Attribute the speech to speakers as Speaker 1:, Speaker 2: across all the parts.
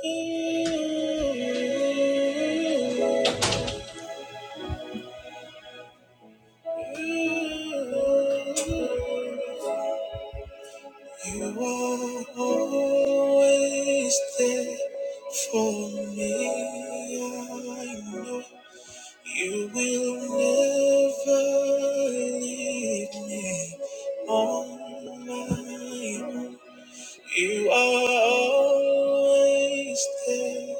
Speaker 1: You are always there for me. I know you will never leave me on my own. You are always there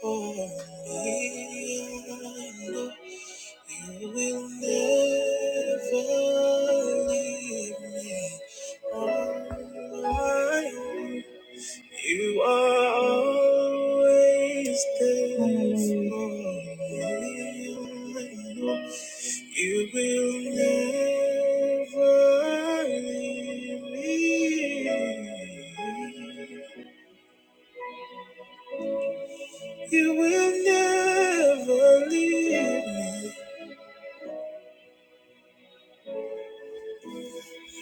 Speaker 1: for me. I know. You will never leave me on my own. You are always there for me. You will never leave me. You will never leave me.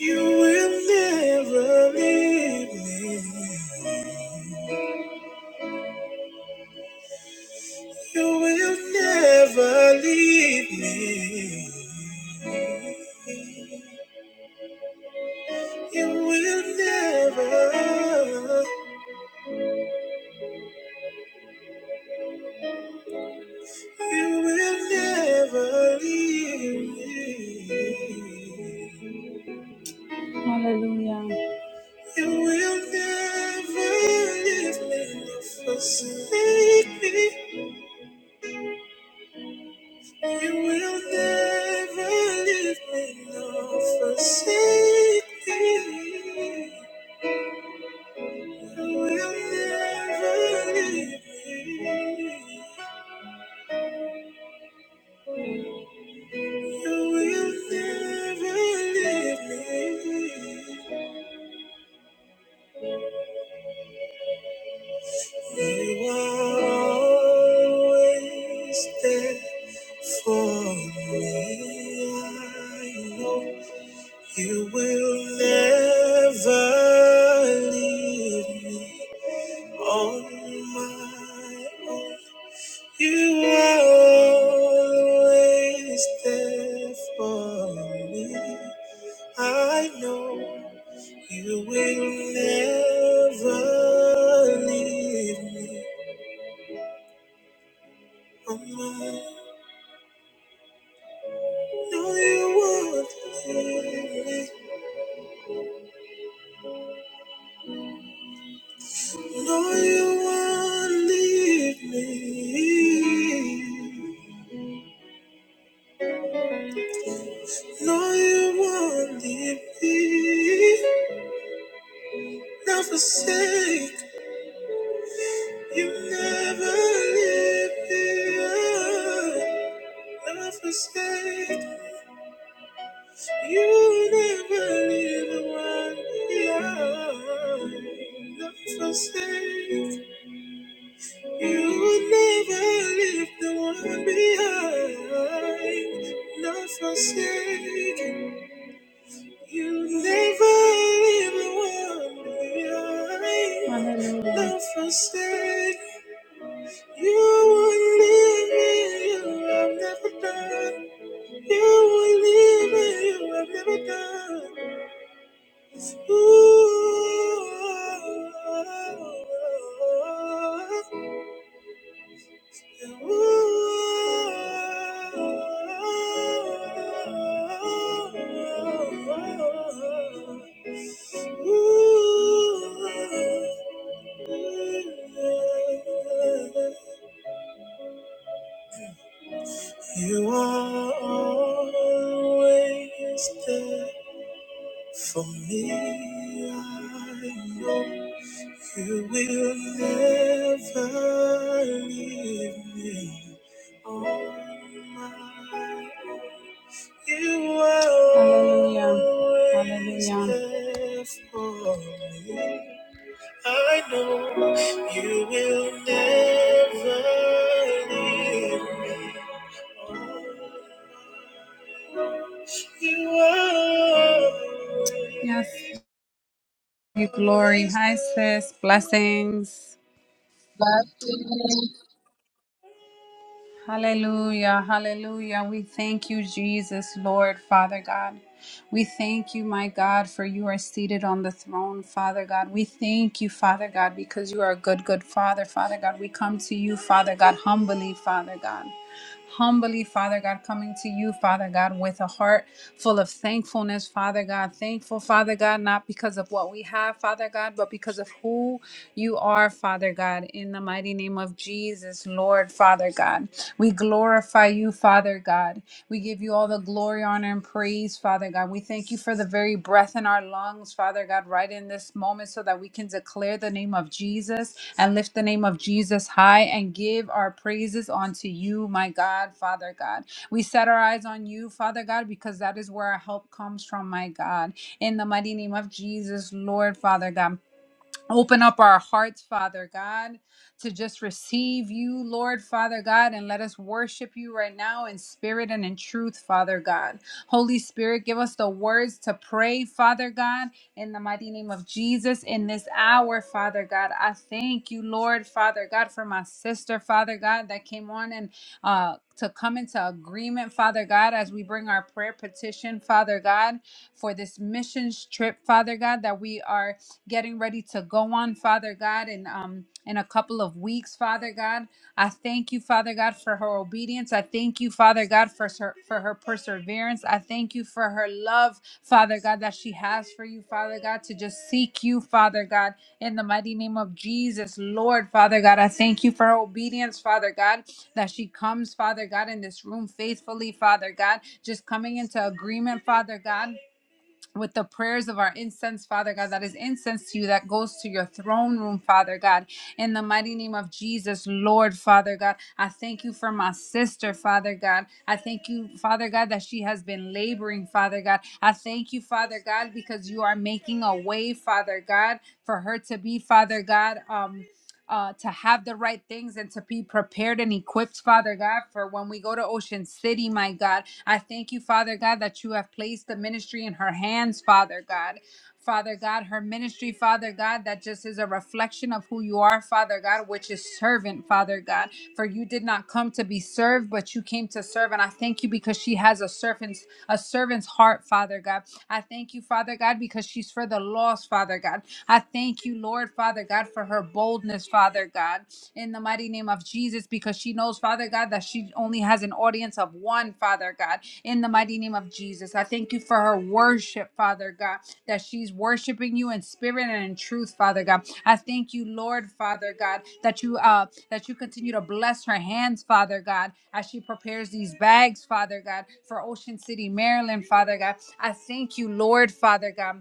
Speaker 1: You will never leave me. You will never leave me. You will never, you will never leave me. Hallelujah. You will never leave me, forsake me. You will never leave me nor forsake me. You will never leave me. You will never leave me. You are always there for me. I know you will never leave me. On my own, you are always there for me. I know you will never leave me. On my no, you won't leave me. No, you won't leave me. No, you won't leave me. Never forsake. You never lived the love mistake. You never leave one behind. Love mistake. You never leave the one behind. Love mistake. You never leave the one behind. Hallelujah. Love mistake. You will leave me, you have never done. You will leave me, you have never done. Ooh, ooh, ooh, ooh, ooh. You are always there for me. I know you will never leave me on my own. You are Hallelujah. always Hallelujah. there for me. I know you will never leave me. You are. Yes, you glory. Hi, sis. Blessings. Hallelujah, hallelujah. We thank you, Jesus, Lord, Father God. We thank you, my God, for you are seated on the throne, Father God. We thank you, Father God, because you are a good, good Father, Father God. We come to you, Father God, humbly, Father God humbly, Father God, coming to you, Father God, with a heart full of thankfulness, Father God. Thankful, Father God, not because of what we have, Father God, but because of who you are, Father God. In the mighty name of Jesus, Lord, Father God, we glorify you, Father God. We give you all the glory, honor, and praise, Father God. We thank you for the very breath in our lungs, Father God, right in this moment so that we can declare the name of Jesus and lift the name of Jesus high and give our praises unto you, my God, Father God. We set our eyes on you, Father God, because that is where our help comes from, my God. In the mighty name of Jesus, Lord, Father God. Open up our hearts, Father God, to just receive you, Lord, Father God, and let us worship you right now in spirit and in truth, Father God. Holy Spirit, give us the words to pray, Father God, in the mighty name of Jesus in this hour, Father God. I thank you, Lord, Father God, for my sister, Father God, that came on and uh to come into agreement, Father God, as we bring our prayer petition, Father God, for this missions trip, Father God, that we are getting ready to go on, Father God, in um in a couple of weeks, Father God. I thank you, Father God, for her obedience. I thank you, Father God, for her for her perseverance. I thank you for her love, Father God, that she has for you, Father God, to just seek you, Father God, in the mighty name of Jesus, Lord, Father God. I thank you for her obedience, Father God, that she comes, Father God, in this room faithfully, Father God, just coming into agreement, Father God with the prayers of our incense, Father God, that is incense to you that goes to your throne room, Father God. In the mighty name of Jesus, Lord, Father God, I thank you for my sister, Father God. I thank you, Father God, that she has been laboring, Father God. I thank you, Father God, because you are making a way, Father God, for her to be, Father God. Um, uh, to have the right things and to be prepared and equipped, Father God, for when we go to Ocean City, my God. I thank you, Father God, that you have placed the ministry in her hands, Father God. Father God, her ministry, Father God, that just is a reflection of who you are, Father God, which is servant, Father God. For you did not come to be served, but you came to serve. And I thank you because she has a servant's a servant's heart, Father God. I thank you, Father God, because she's for the lost, Father God. I thank you, Lord, Father God, for her boldness, Father God, in the mighty name of Jesus, because she knows, Father God, that she only has an audience of one, Father God, in the mighty name of Jesus. I thank you for her worship, Father God, that she's worshiping you in spirit and in truth, Father God. I thank you, Lord, Father God, that you uh that you continue to bless her hands, Father God, as she prepares these bags, Father God, for Ocean City, Maryland, Father God. I thank you, Lord, Father God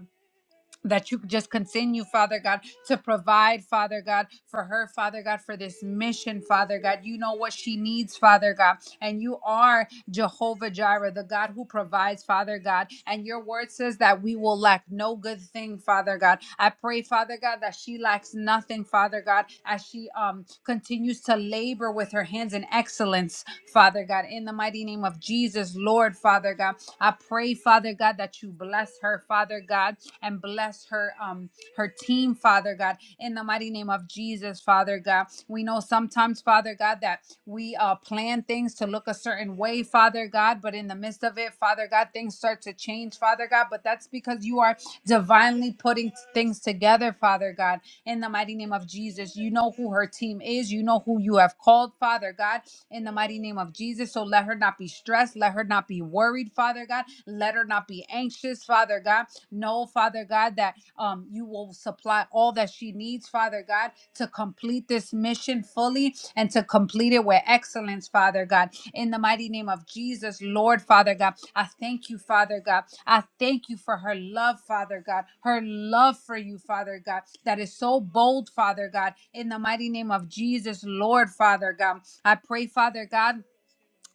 Speaker 1: that you just continue, Father God, to provide, Father God, for her, Father God, for this mission, Father God. You know what she needs, Father God. And you are Jehovah Jireh, the God who provides, Father God. And your word says that we will lack no good thing, Father God. I pray, Father God, that she lacks nothing, Father God, as she um continues to labor with her hands in excellence, Father God. In the mighty name of Jesus, Lord, Father God. I pray, Father. Father God, that you bless her, Father God, and bless her um her team, Father God, in the mighty name of Jesus, Father God. We know sometimes, Father God, that we uh plan things to look a certain way, Father God, but in the midst of it, Father God, things start to change, Father God, but that's because you are divinely putting things together, Father God, in the mighty name of Jesus. You know who her team is, you know who you have called, Father God, in the mighty name of Jesus. So let her not be be stressed. Let her not be worried, Father God. Let her not be anxious, Father God. Know, Father God, that um, you will supply all that she needs, Father God, to complete this mission fully and to complete it with excellence, Father God. In the mighty name of Jesus, Lord, Father God, I thank you, Father God. I thank you for her love, Father God, her love for you, Father God, that is so bold, Father God. In the mighty name of Jesus, Lord, Father God, I pray, Father God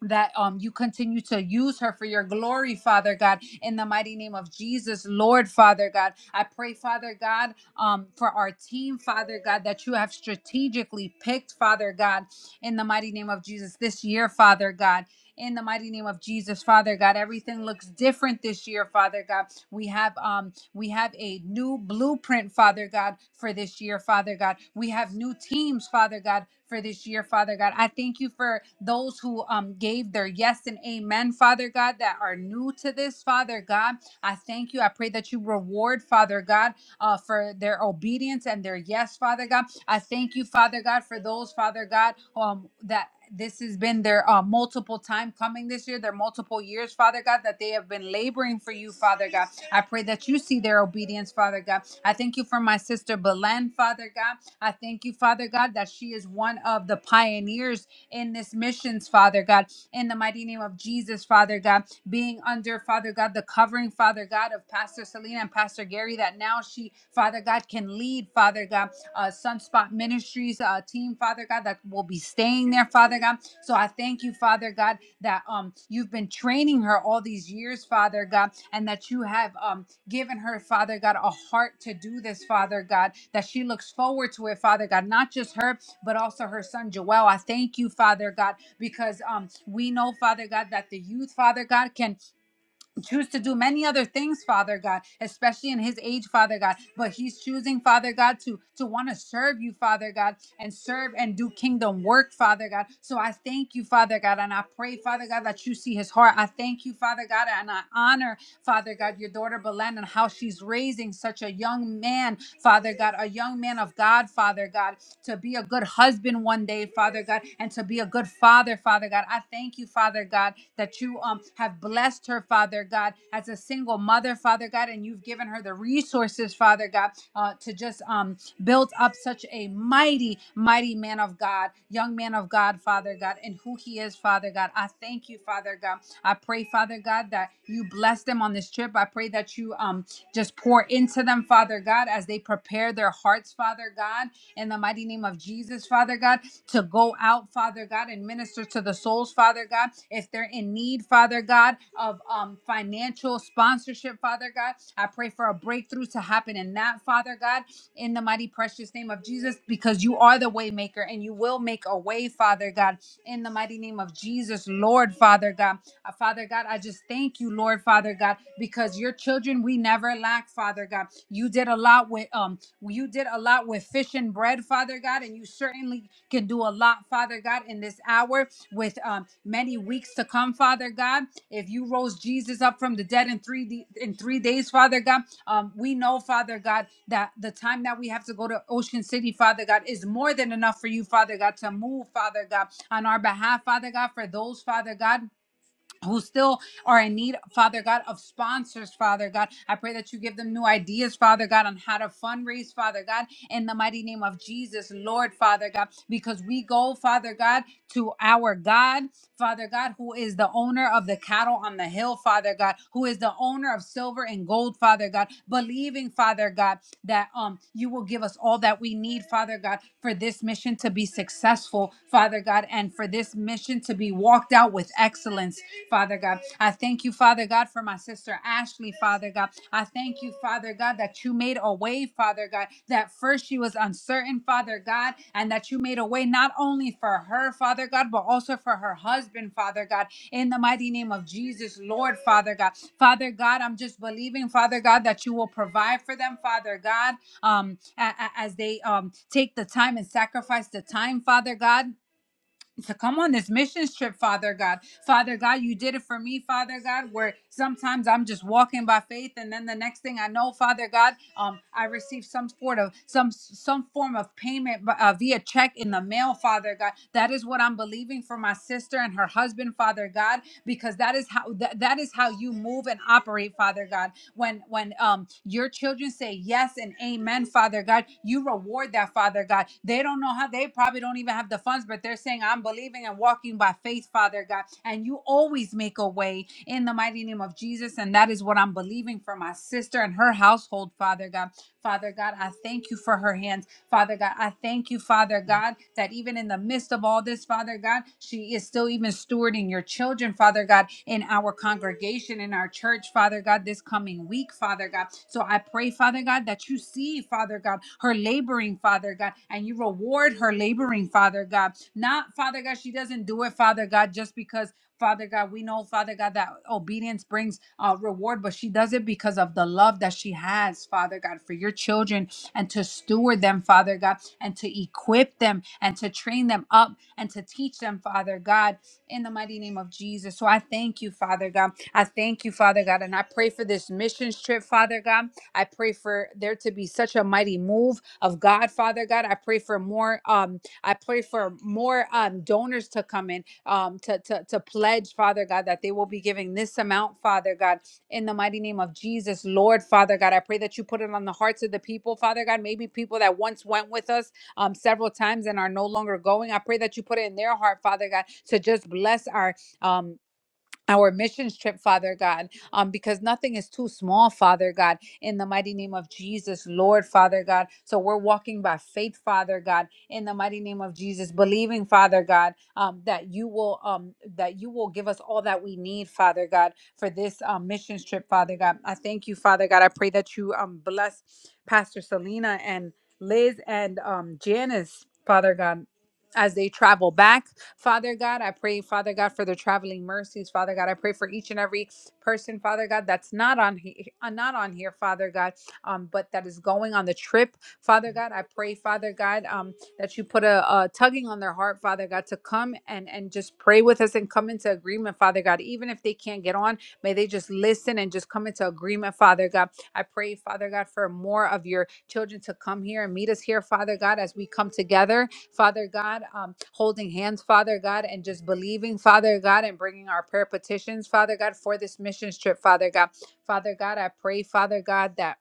Speaker 1: that um you continue to use her for your glory father god in the mighty name of jesus lord father god i pray father god um for our team father god that you have strategically picked father god in the mighty name of jesus this year father god in the mighty name of jesus father god everything looks different this year father god we have um we have a new blueprint, Father God, for this year, Father God. We have new teams, Father God, for this year, Father God. I thank you for those who um gave their yes and amen, Father God, that are new to this, Father God. I thank you. I pray that you reward, Father God, uh, for their obedience and their yes, Father God. I thank you, Father God, for those, Father God, um, that this has been their uh, multiple time coming this year, their multiple years, Father God, that they have been laboring for you, Father God. I pray that you see their obedience, Father God. I thank you for my sister Belen, Father God. I thank you, Father God, that she is one of the pioneers in this missions, Father God. In the mighty name of Jesus, Father God, being under, Father God, the covering, Father God, of Pastor Selena and Pastor Gary, that now she, Father God, can lead, Father God uh, Sunspot Ministries uh, team, Father God, that will be staying there, Father God. So I thank you, Father God, that um you've been training her all these years, Father God, and that you have um given her, Father God, a heart to do this, Father God, that she looks forward to it, Father God, not just her, but also her son Joel. I thank you, Father God, because um we know, Father God, that the youth, Father God, can choose to do many other things father god especially in his age father god but he's choosing father god to to want to serve you father god and serve and do kingdom work father god so i thank you father god and i pray father god that you see his heart i thank you father god and i honor father god your daughter belen and how she's raising such a young man father god a young man of god father god to be a good husband one day, Father God, and to be a good father, Father God. I thank you, Father God, that you um have blessed her, Father God, as a single mother, Father God, and you've given her the resources, Father God, uh, to just um build up such a mighty, mighty man of God, young man of God, Father God, and who he is, Father God. I thank you, Father God. I pray, Father God, that you bless them on this trip. I pray that you um just pour into them, Father God, as they prepare their hearts, Father God in the mighty name of Jesus, Father God, to go out, Father God, and minister to the souls, Father God. If they're in need, Father God, of um, financial sponsorship, Father God, I pray for a breakthrough to happen in that, Father God, in the mighty precious name of Jesus, because you are the way maker and you will make a way, Father God, in the mighty name of Jesus, Lord, Father God. Uh, Father God, I just thank you, Lord, Father God, because your children, we never lack, Father God. You did a lot with um you did a lot with fish and bread, Father God, and you certainly can do a lot, Father God, in this hour with um, many weeks to come, Father God. If you rose Jesus up from the dead in three d in three days, Father God, um, we know, Father God, that the time that we have to go to Ocean City, Father God, is more than enough for you, Father God, to move, Father God, on our behalf, Father God, for those, Father God who still are in need, Father God, of sponsors, Father God. I pray that you give them new ideas, Father God, on how to fundraise, Father God, in the mighty name of Jesus, Lord, Father God, because we go, Father God, to our God. Father God, who is the owner of the cattle on the hill, Father God, who is the owner of silver and gold, Father God, believing, Father God, that um you will give us all that we need, Father God, for this mission to be successful, Father God, and for this mission to be walked out with excellence, Father God. I thank you, Father God, for my sister. Sister Ashley, Father God. I thank you, Father God, that you made a way, Father God, that first she was uncertain, Father God, and that you made a way not only for her, Father God, but also for her husband, Father God, in the mighty name of Jesus, Lord, Father God. Father God, I'm just believing, Father God, that you will provide for them, Father God, um, a- a- as they um, take the time and sacrifice the time, Father God to come on this mission trip, Father God. Father God, you did it for me, Father God, where sometimes I'm just walking by faith and then the next thing I know, Father God, um I receive some sort of some some form of payment uh, via check in the mail, Father God. That is what I'm believing for my sister and her husband, Father God, because that is how that, that is how you move and operate, Father God when when um your children say yes and amen father god you reward that father god they don't know how they probably don't even have the funds but they're saying i'm believing and walking by faith father god and you always make a way in the mighty name of jesus and that is what i'm believing for my sister and her household father god father god i thank you for her hands Father God. I thank you, Father God, that even in the midst of all this, Father God, she is still even stewarding your children, Father God, in our congregation, in our church, Father God, this coming week, Father God. So I pray, Father God, that you see, Father God, her laboring, Father God, and you reward her laboring, Father God. Not, Father God, she doesn't do it, Father God, just because. Father God, we know, Father God, that obedience brings uh, reward, but she does it because of the love that she has, Father God, for your children and to steward them, Father God, and to equip them and to train them up and to teach them, Father God, in the mighty name of Jesus. So I thank you, Father God. I thank you, Father God. And I pray for this missions trip, Father God. I pray for there to be such a mighty move of God, Father God. I pray for more um I pray for more um donors to come in um to to to pledge, Father God, that they will be giving this amount, Father God in the mighty name of Jesus, Lord Father God. I pray that you put it on the hearts of the people, Father God. Maybe people that once went with us um, several times and are no longer going. I pray that you put it in their heart, Father God, to just bless our um our missions trip, Father God, um, because nothing is too small, Father God, in the mighty name of Jesus, Lord, Father God. So we're walking by faith, Father God, in the mighty name of Jesus, believing, Father God, um, that you will, um, that you will give us all that we need, Father God, for this um, missions trip, Father God. I thank you, Father God. I pray that you um, bless Pastor Selena and Liz and um, Janice, Father God, as they travel back. Father God, I pray, Father God, for their traveling mercies. Father God, I pray for each and every person, Father God, that's not on he- uh, not on here, Father God, um, but that is going on the trip. Father God, I pray, Father God, um, that you put a, a tugging on their heart, Father God, to come and and just pray with us and come into agreement, Father God. Even if they can't get on, may they just listen and just come into agreement, Father God. I pray, Father God, for more of your children to come here and meet us here, Father God, as we come together Father God, um, holding hands, Father God, and just believing, Father God, and bringing our prayer petitions, Father God, for this missions trip, Father God. Father God, I pray, Father God, that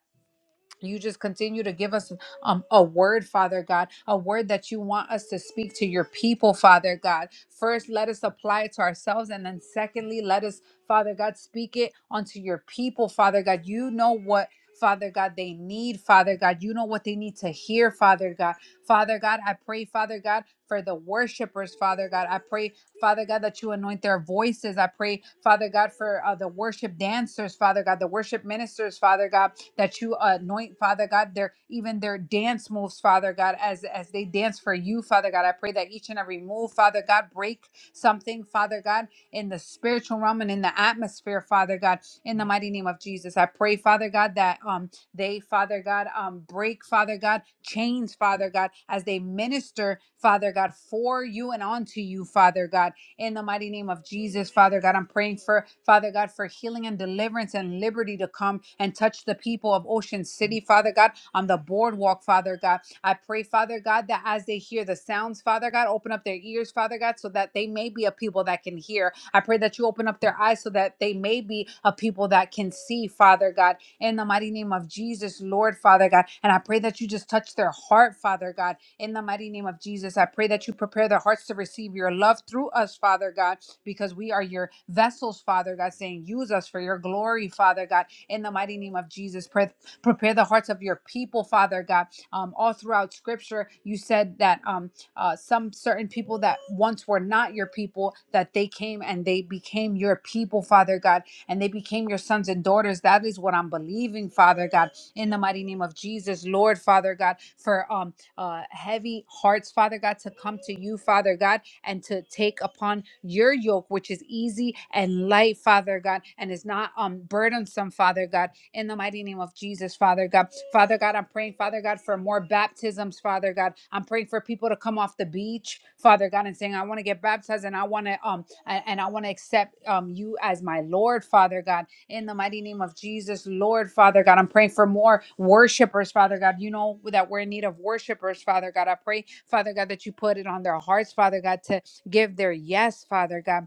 Speaker 1: you just continue to give us um, a word, Father God, a word that you want us to speak to your people, Father God. First, let us apply it to ourselves. And then, secondly, let us, Father God, speak it unto your people, Father God. You know what. Father God, they need, Father God. You know what they need to hear, Father God. Father God, I pray, Father God, for the worshipers, Father God. I pray, Father God, that you anoint their voices. I pray, Father God, for uh, the worship dancers, Father God, the worship ministers, Father God that you anoint, Father God, their even their dance moves, Father God, as as they dance for you, Father God. I pray that each and every move, Father God, break something, Father God, in the spiritual realm and in the atmosphere, Father God, in the mighty name of Jesus. I pray, Father God, that um they, Father God, um break, Father God, chains, Father God, as they minister, Father God, for you and onto you, Father God in the mighty name of Jesus, Father God. I'm praying for, Father God, for healing and deliverance and liberty to come and touch the people of Ocean City, Father God, on the boardwalk, Father God. I pray, Father God, that as they hear the sounds, Father God, open up their ears, Father God, so that they may be a people that can hear. I pray that you open up their eyes so that they may be a people that can see, Father God, in the mighty name of Jesus, Lord, Father God. And I pray that you just touch their heart, Father God in the mighty name of Jesus, I pray that you prepare their hearts to receive your love through us, Father God, because we are your vessels, Father God, saying, use us for your glory, Father God. In the mighty name of Jesus, pray, prepare the hearts of your people, Father God. Um, all throughout Scripture, you said that um, uh, some certain people that once were not your people, that they came and they became your people, Father God, and they became your sons and daughters. That is what I'm believing, Father God in the mighty name of Jesus, Lord Father God, for um uh, heavy hearts, Father God, to come to you, Father God, and to take upon your yoke, which is easy and light, Father God, and is not um, burdensome, Father God, in the mighty name of Jesus, Father God. Father God, I'm praying, Father God, for more baptisms, Father God. I'm praying for people to come off the beach, Father God, and saying, I want to get baptized and I want to um a- and I want to accept um you as my Lord, Father God in the mighty name of Jesus, Lord Father God. I'm praying for more worshipers, Father God. You know that we're in need of worshipers, Father God. I pray, Father God, that you put it on their hearts, Father God, to give their yes, Father God.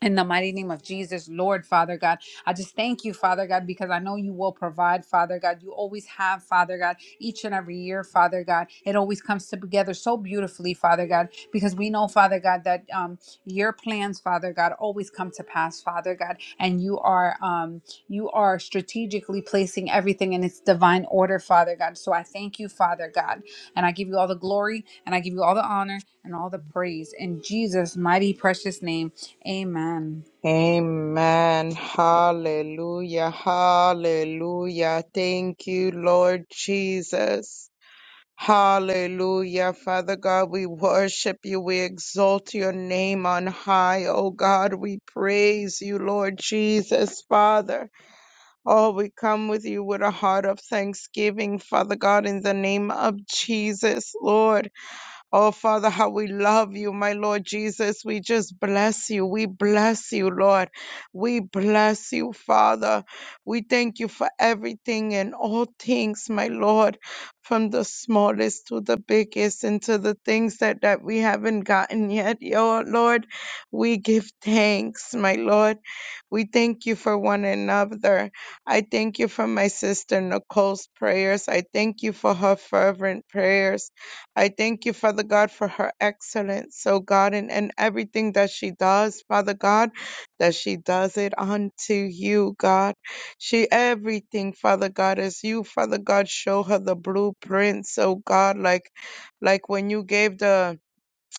Speaker 1: In the mighty name of Jesus, Lord Father God, I just thank you, Father God, because I know you will provide, Father God. You always have, Father God, each and every year, Father God. It always comes together so beautifully, Father God, because we know, Father God, that um, your plans, Father God, always come to pass, Father God, and you are um, you are strategically placing everything in its divine order, Father God. So I thank you, Father God, and I give you all the glory, and I give you all the honor and all the praise in Jesus' mighty precious name. Amen.
Speaker 2: Amen. Hallelujah. Hallelujah. Thank you, Lord Jesus. Hallelujah. Father God, we worship you. We exalt your name on high. Oh God, we praise you, Lord Jesus, Father. Oh, we come with you with a heart of thanksgiving, Father God, in the name of Jesus, Lord. Oh, Father, how we love you, my Lord Jesus. We just bless you. We bless you, Lord. We bless you, Father. We thank you for everything and all things, my Lord, from the smallest to the biggest and to the things that, that we haven't gotten yet, oh, Lord. We give thanks, my Lord. We thank you for one another. I thank you for my sister Nicole's prayers. I thank you for her fervent prayers. I thank you, Father God, for her excellence, oh God, and, and everything that she does, Father God, that she does it unto you, God. She everything, Father God, as you, Father God, show her the blueprints, oh God, like like when you gave the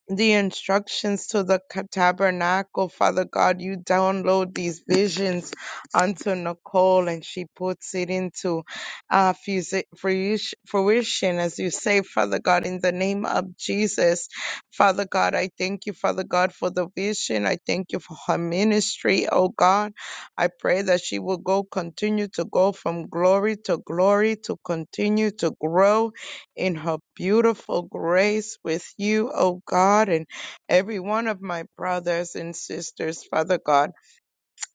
Speaker 2: the instructions to the ca- tabernacle. Father God, you download these visions onto Nicole and she puts it into uh, fusi- fruish- fruition, as you say, Father God, in the name of Jesus. Father God, I thank you, Father God, for the vision. I thank you for her ministry, oh God. I pray that she will go, continue to go from glory to glory, to continue to grow in her beautiful grace with you, O God, and every one of my brothers and sisters, Father God.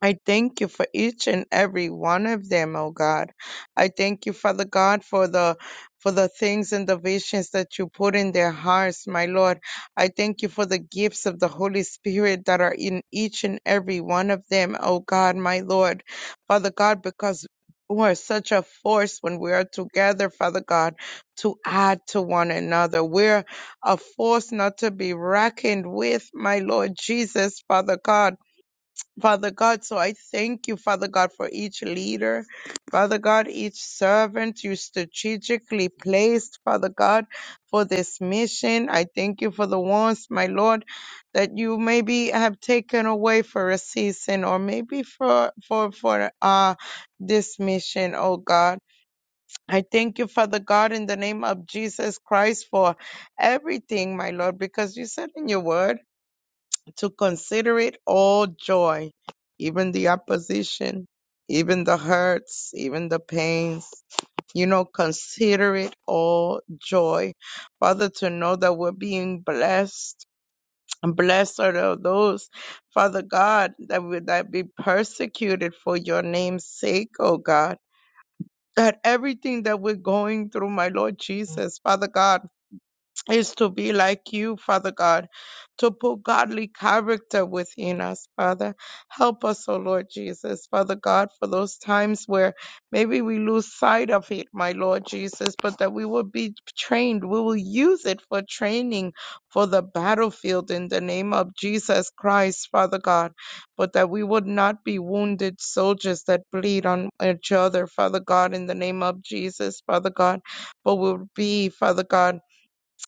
Speaker 2: I thank you for each and every one of them, oh God. I thank you, Father God, for the for the things and the visions that you put in their hearts, my Lord. I thank you for the gifts of the Holy Spirit that are in each and every one of them, oh God, my Lord. Father God, because you are such a force when we are together, Father God, to add to one another. We're a force not to be reckoned with, my Lord Jesus, Father God. Father God, so I thank you, Father God, for each leader, Father God, each servant you strategically placed, Father God, for this mission. I thank you for the ones, my Lord, that you maybe have taken away for a season or maybe for for for uh this mission, oh God. I thank you, Father God, in the name of Jesus Christ for everything, my Lord, because you said in your word to consider it all joy, even the opposition, even the hurts, even the pains. You know, consider it all joy. Father, to know that we're being blessed. Blessed are those, Father God, that would that be persecuted for your name's sake, oh God. That everything that we're going through, my Lord Jesus, Father God is to be like you, Father God, to put godly character within us, Father. Help us, O Lord Jesus, Father God, for those times where maybe we lose sight of it, my Lord Jesus, but that we will be trained. We will use it for training for the battlefield in the name of Jesus Christ, Father God, but that we would not be wounded soldiers that bleed on each other, Father God, in the name of Jesus, Father God, but will be, Father God,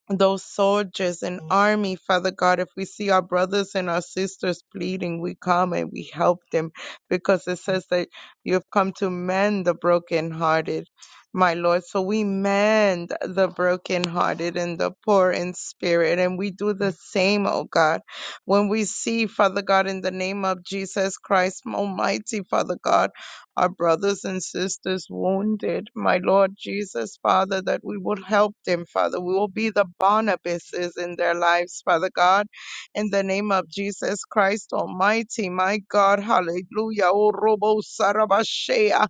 Speaker 2: those soldiers and army, Father God. If we see our brothers and our sisters bleeding, we come and we help them because it says that you have come to mend the brokenhearted, my Lord. So we mend the brokenhearted and the poor in spirit, and we do the same, oh God. When we see, Father God, in the name of Jesus Christ, Almighty Father God our brothers and sisters wounded, my Lord Jesus, Father, that we will help them, Father. We will be the Barnabases in their lives, Father God, in the name of Jesus Christ Almighty, my God, hallelujah. Oh, Robo Sarabashea.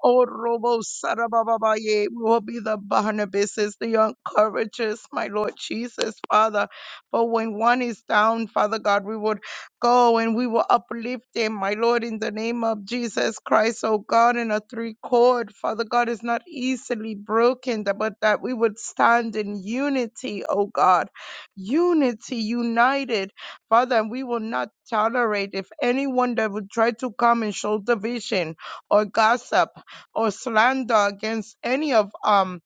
Speaker 2: Oh, Robo Sarababaye, we will be the Barnabases, the encouragers, my Lord Jesus, Father. For when one is down, Father God, we would go and we will uplift him, my Lord, in the name of Jesus Christ, oh God, in a three chord. Father God is not easily broken, that- but that we would stand in unity, oh God. Unity, united, Father, and we will not tolerate if anyone that would try to come and show division or gossip or slander against any of um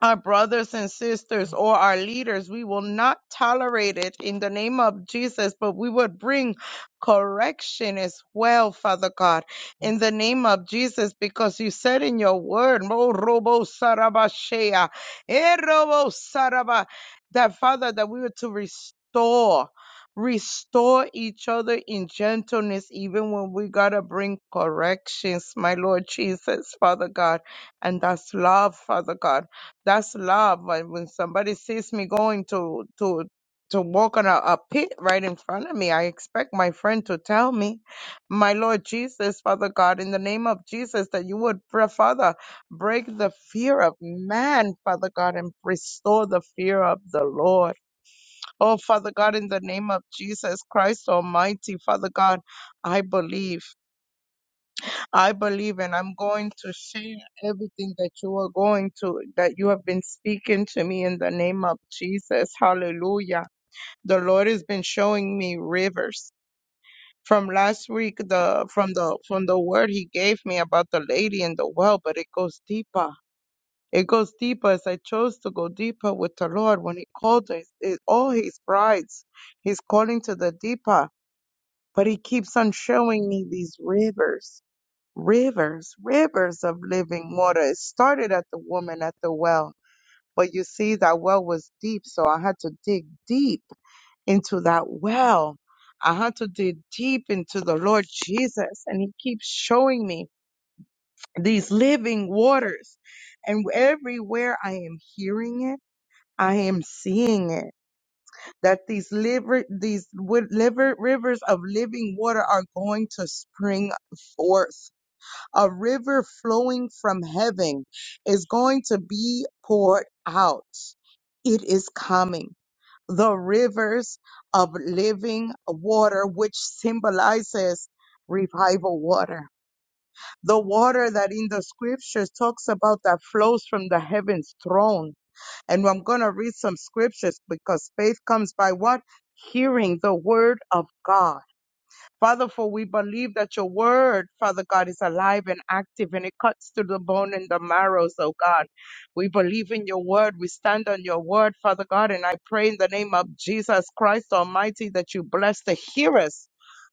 Speaker 2: our brothers and sisters or our leaders. We will not tolerate it in the name of Jesus, but we would bring correction as well, Father God, in the name of Jesus, because you said in your word, "Mo robo sarabashea, eh, robo saraba," that Father, that we were to restore. Restore each other in gentleness, even when we gotta bring corrections, my Lord Jesus, Father God, and that's love, Father God. That's love. Like, When somebody sees me going to to to walk on a, a pit right in front of me, I expect my friend to tell me, "My Lord Jesus, Father God, in the name of Jesus, that you would, pray, Father, break the fear of man, Father God, and restore the fear of the Lord." Oh, Father God, in the name of Jesus Christ Almighty, Father God, I believe. I believe and I'm going to share everything that you are going to, that you have been speaking to me in the name of Jesus. Hallelujah. The Lord has been showing me rivers. From last week, the from the from the word he gave me about the lady in the well, but it goes deeper. It goes deeper as I chose to go deeper with the Lord when he called us, it, all his brides. He's calling to the deeper, but he keeps on showing me these rivers rivers, rivers of living water. It started at the woman at the well, but you see, that well was deep, so I had to dig deep into that well. I had to dig deep into the Lord Jesus, and He keeps showing me these living waters. And everywhere I am hearing it, I am seeing it that these liver, these wi- liver, rivers of living water are going to spring forth a river flowing from heaven is going to be poured out. It is coming. The rivers of living water, which symbolizes revival water. The water that in the scriptures talks about that flows from the heaven's throne. And I'm going to read some scriptures because faith comes by what? Hearing the word of God. Father, for we believe that your word, Father God, is alive and active and it cuts to the bone and the marrow, so God. We believe in your word. We stand on your word, Father God, and I pray in the name of Jesus Christ Almighty that you bless the hearers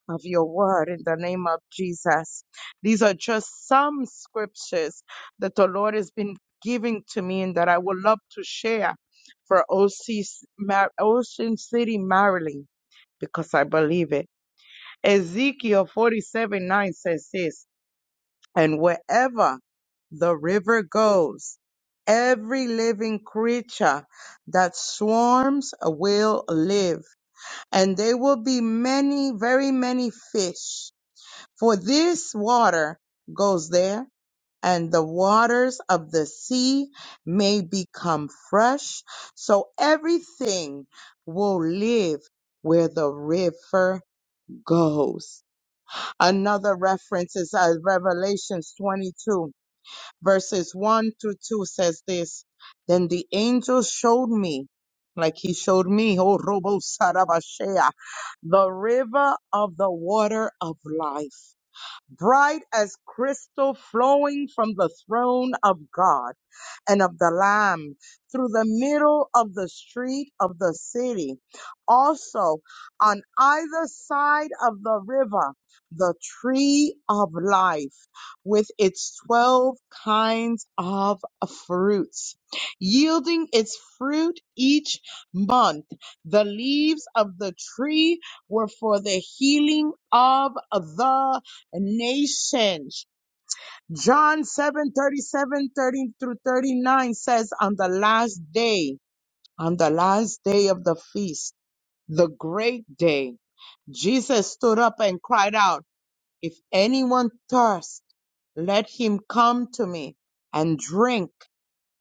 Speaker 2: of your word in the name of Jesus. These are just some scriptures that the Lord has been giving to me and that I would love to share for OC, Mar- Ocean City, Maryland, because I believe it. Ezekiel 47 9 says this, and wherever the river goes, every living creature that swarms will live, and there will be many, very many fish. For this water goes there, and the waters of the sea may become fresh. So everything will live where the river goes. Another reference is uh, Revelations 22, verses 1 through 2 says this Then the angel showed me, like he showed me, oh, Robo Sarabashea, the river of the water of life, bright as crystal flowing from the throne of God and of the Lamb through the middle of the street of the city. Also, on either side of the river, the tree of life with its 12 kinds of fruits, yielding its fruit each month. The leaves of the tree were for the healing of the nations John 7 thirty-seven, thirty through 39 says, On the last day, on the last day of the feast, the great day, Jesus stood up and cried out, If anyone thirst, let him come to me and drink.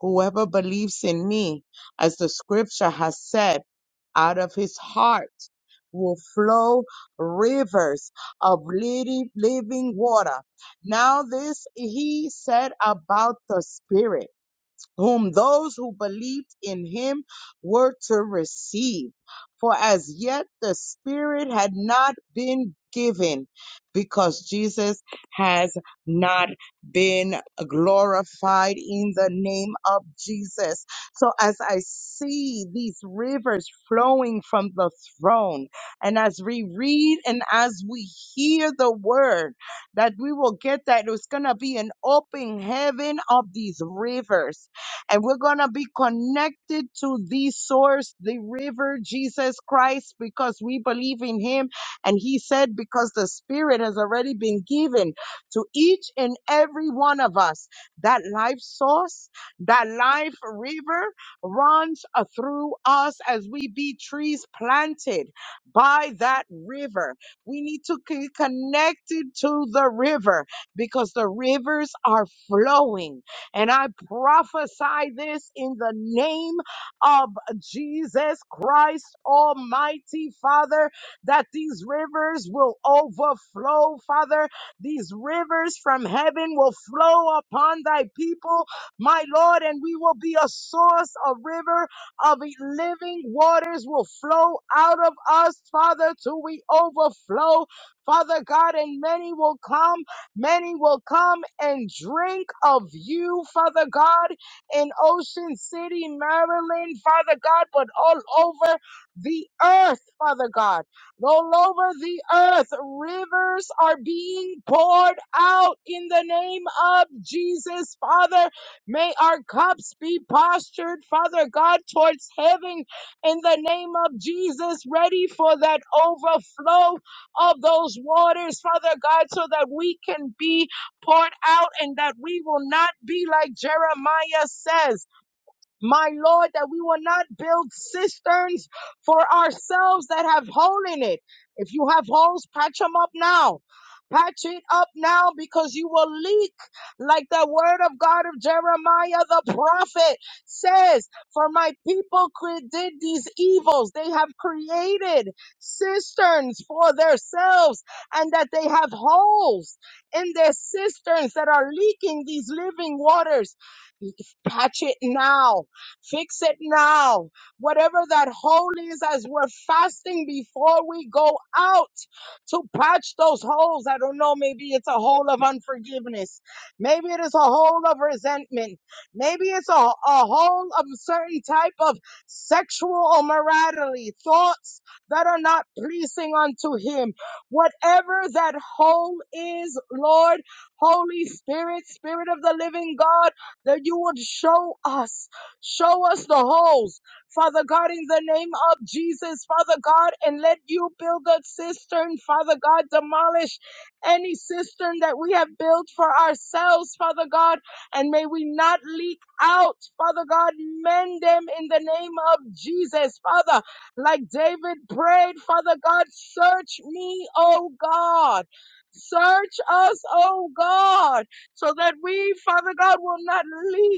Speaker 2: Whoever believes in me, as the scripture has said, out of his heart will flow rivers of living living water. Now, this he said about the Spirit whom those who believed in him were to receive. For as yet the Spirit had not been given because Jesus has not been glorified in the name of Jesus. So as I see these rivers flowing from the throne, and as we read and as we hear the word, that we will get that it's going to be an open heaven of these rivers and we're going to be connected to the source, the river, Jesus Christ, because we believe in him. And he said, because the spirit has already been given to each and every one of us, that life source, that life river runs uh, through us as we be trees planted by that river. We need to be connected to the river because the rivers are flowing. And I prophesy this in the name of Jesus Christ, Almighty Father, that these rivers will overflow, Father. These rivers from heaven will flow upon thy people, my Lord, and we will be a source, a river of e, living waters will flow out of us, Father, till we overflow, Father God, and many will come. Many will come and drink of you, Father God, in Ocean City, Maryland, Father God, but all over the earth, Father God. All over the earth, rivers are being poured out in the name of Jesus, Father. May our cups be postured, Father God, towards heaven in the name of Jesus, ready for that overflow of those waters, Father God, so that we can be poured out and that we will not be like Jeremiah says. My Lord, that we will not build cisterns for ourselves that have hole in it. If you have holes, patch them up now. Patch it up now because you will leak like the word of God of Jeremiah the prophet says, for my people cre- did these evils. They have created cisterns for themselves and that they have holes in their cisterns that are leaking these living waters. Patch it now Fix it now. Whatever that hole is, as we're fasting before we go out to patch those holes. I don't know. Maybe it's a hole of unforgiveness. Maybe it is a hole of resentment. Maybe it's a, a hole of a certain type of sexual immorality, thoughts that are not pleasing unto Him. Whatever that hole is, Lord, Holy Spirit, Spirit of the living God, that you would show us. Show us the holes, Father God, in the name of Jesus, Father God, and let you build a cistern, Father God, demolish any cistern that we have built for ourselves, Father God, and may we not leak out, Father God, mend them in the name of Jesus, Father, like David prayed, Father God, search me, O God. Search us, O God, so that we, Father God, will not leak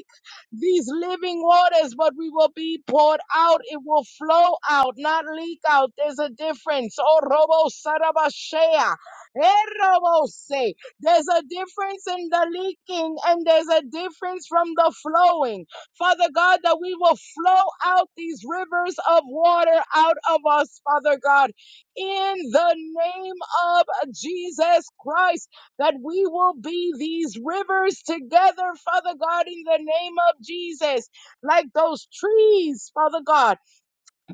Speaker 2: these living waters, but we will be poured out. It will flow out, not leak out. There's a difference. Oh, Robo Sarabashea. Eh, Robo say. There's a difference in the leaking and there's a difference from the flowing. Father God, that we will flow out these rivers of water out of us, Father God, in the name of Jesus Christ that we will be these rivers together, Father God, in the name of Jesus, like those trees, Father God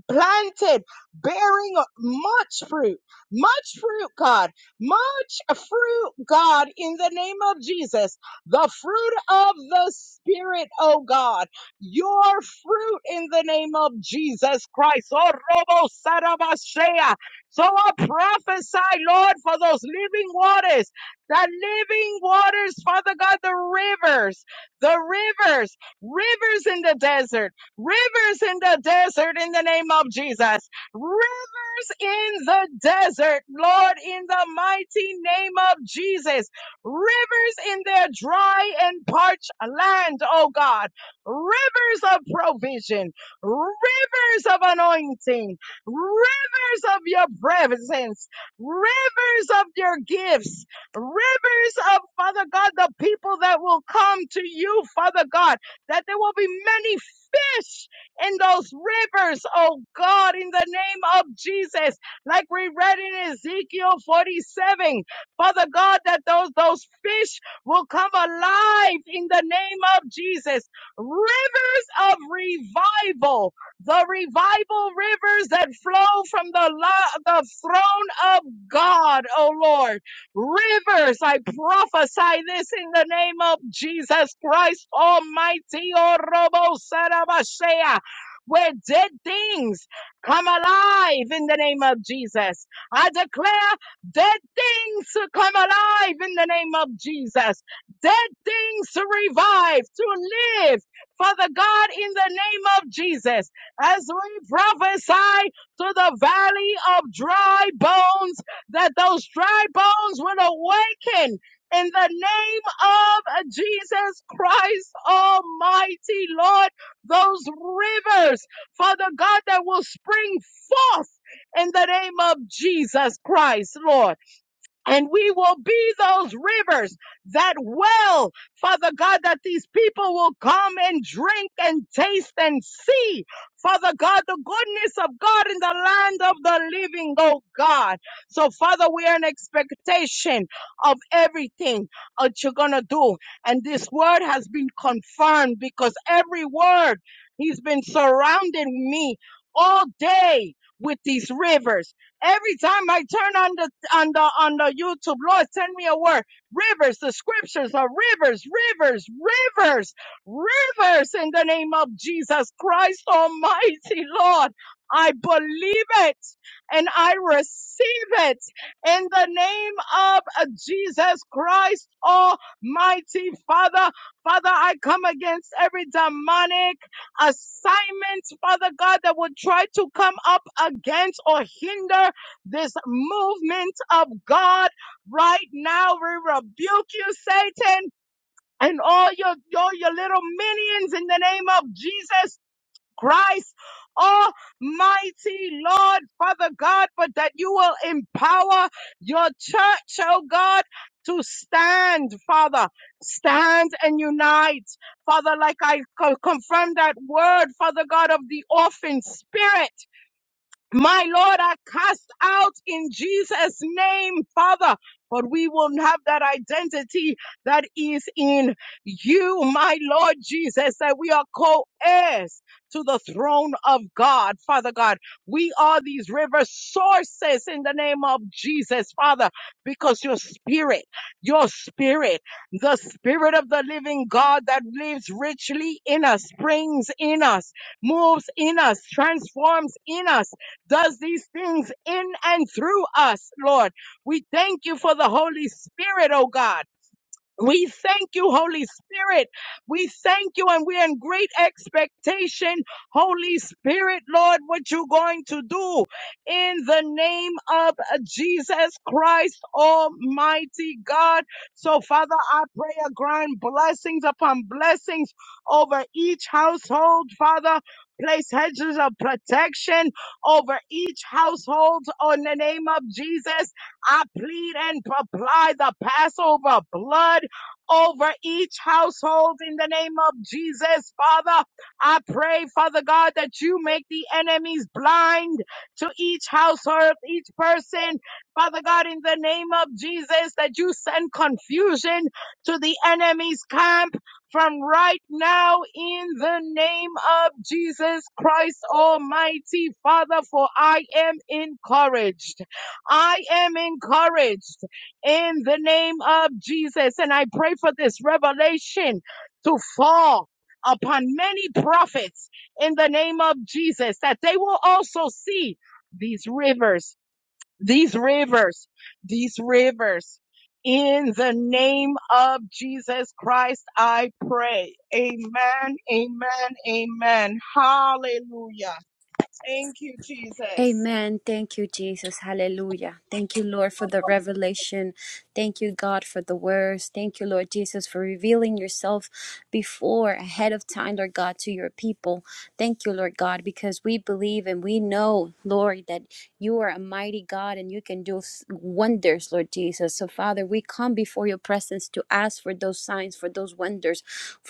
Speaker 2: planted, bearing much fruit, much fruit, God, much fruit, God, in the name of Jesus. The fruit of the Spirit, oh God, your fruit in the name of Jesus Christ. Oh, Robo Sarabashea. So I prophesy, Lord, for those living waters, the living waters, Father God, the rivers, the rivers, rivers in the desert Rivers in the desert in the name of Jesus. Rivers in the desert, Lord, in the mighty name of Jesus. Rivers in their dry and parched land, oh God. Rivers of provision, rivers of anointing, rivers of your presence, rivers of your gifts, rivers of, Father God, the people that will come to you, Father God that there will be many fish in those rivers, oh God, in the name of Jesus. Like we read in Ezekiel 47, Father God, that those, those fish will come alive in the name of Jesus. Rivers of revival, the revival rivers that flow from the, lo- the throne of God, oh Lord. Rivers, I prophesy this in the name of Jesus Christ Almighty. Oh, Robo Sarabashea, Where dead things come alive in the name of Jesus. I declare dead things to come alive in the name of Jesus. Dead things to revive, to live. Father God, in the name of Jesus, as we prophesy to the valley of dry bones that those dry bones would awaken in the name of Jesus Christ Almighty, Lord, those rivers, Father God, that will spring forth in the name of Jesus Christ, Lord and we will be those rivers that well, Father God, that these people will come and drink and taste and see, Father God, the goodness of God in the land of the living, oh God. So, Father, we are in expectation of everything that you're going to do. And this word has been confirmed because every word he's been surrounding me all day with these rivers. Every time I turn on the on the on the YouTube. Lord, send me a word. Rivers, the scriptures are rivers, rivers, rivers, rivers in the name of Jesus Christ Almighty, Lord. I believe it and I receive it in the name of uh, Jesus Christ Almighty Father. Father, I come against every demonic assignment, Father God, that would try to come up against or hinder this movement of God right now. We rebuke you, Satan, and all your, all your little minions in the name of Jesus Christ. Almighty Lord, Father God, but that you will empower your church, oh God, to stand, Father, stand and unite. Father, like I co- confirm that word, Father God, of the orphan spirit. My Lord, I cast out in Jesus' name, Father. But we will have that identity that is in you, my Lord Jesus, that we are co-heirs to the throne of God, Father God. We are these river sources in the name of Jesus, Father, because your spirit, your spirit, the spirit of the living God that lives richly in us, springs in us, moves in us, transforms in us does these things in and through us, Lord. We thank you for the Holy Spirit, oh God. We thank you, Holy Spirit. We thank you, and we're in great expectation. Holy Spirit, Lord, what you going to do in the name of Jesus Christ, Almighty God. So, Father, I pray a grand blessings upon blessings over each household, Father. Place hedges of protection over each household in the name of Jesus. I plead and apply the Passover blood over each household in the name of Jesus, Father. I pray, Father God, that you make the enemies blind to each household, each person. Father God, in the name of Jesus, that you send confusion to the enemy's camp from right now in the name of Jesus Christ Almighty, Father, for I am encouraged. I am encouraged in the name of Jesus. And I pray for this revelation to fall upon many prophets in the name of Jesus, that they will also see these rivers, these rivers, these rivers. In the name of Jesus Christ, I pray. Amen, amen, amen. Hallelujah. Thank you, Jesus.
Speaker 3: Amen. Thank you, Jesus. Hallelujah. Thank you, Lord, for the revelation. Thank you, God, for the words. Thank you, Lord Jesus, for revealing yourself before, ahead of time, Lord God, to your people. Thank you, Lord God, because we believe and we know, Lord, that you are a mighty God and you can do s- wonders, Lord Jesus. So, Father, we come before your presence to ask for those signs, for those wonders,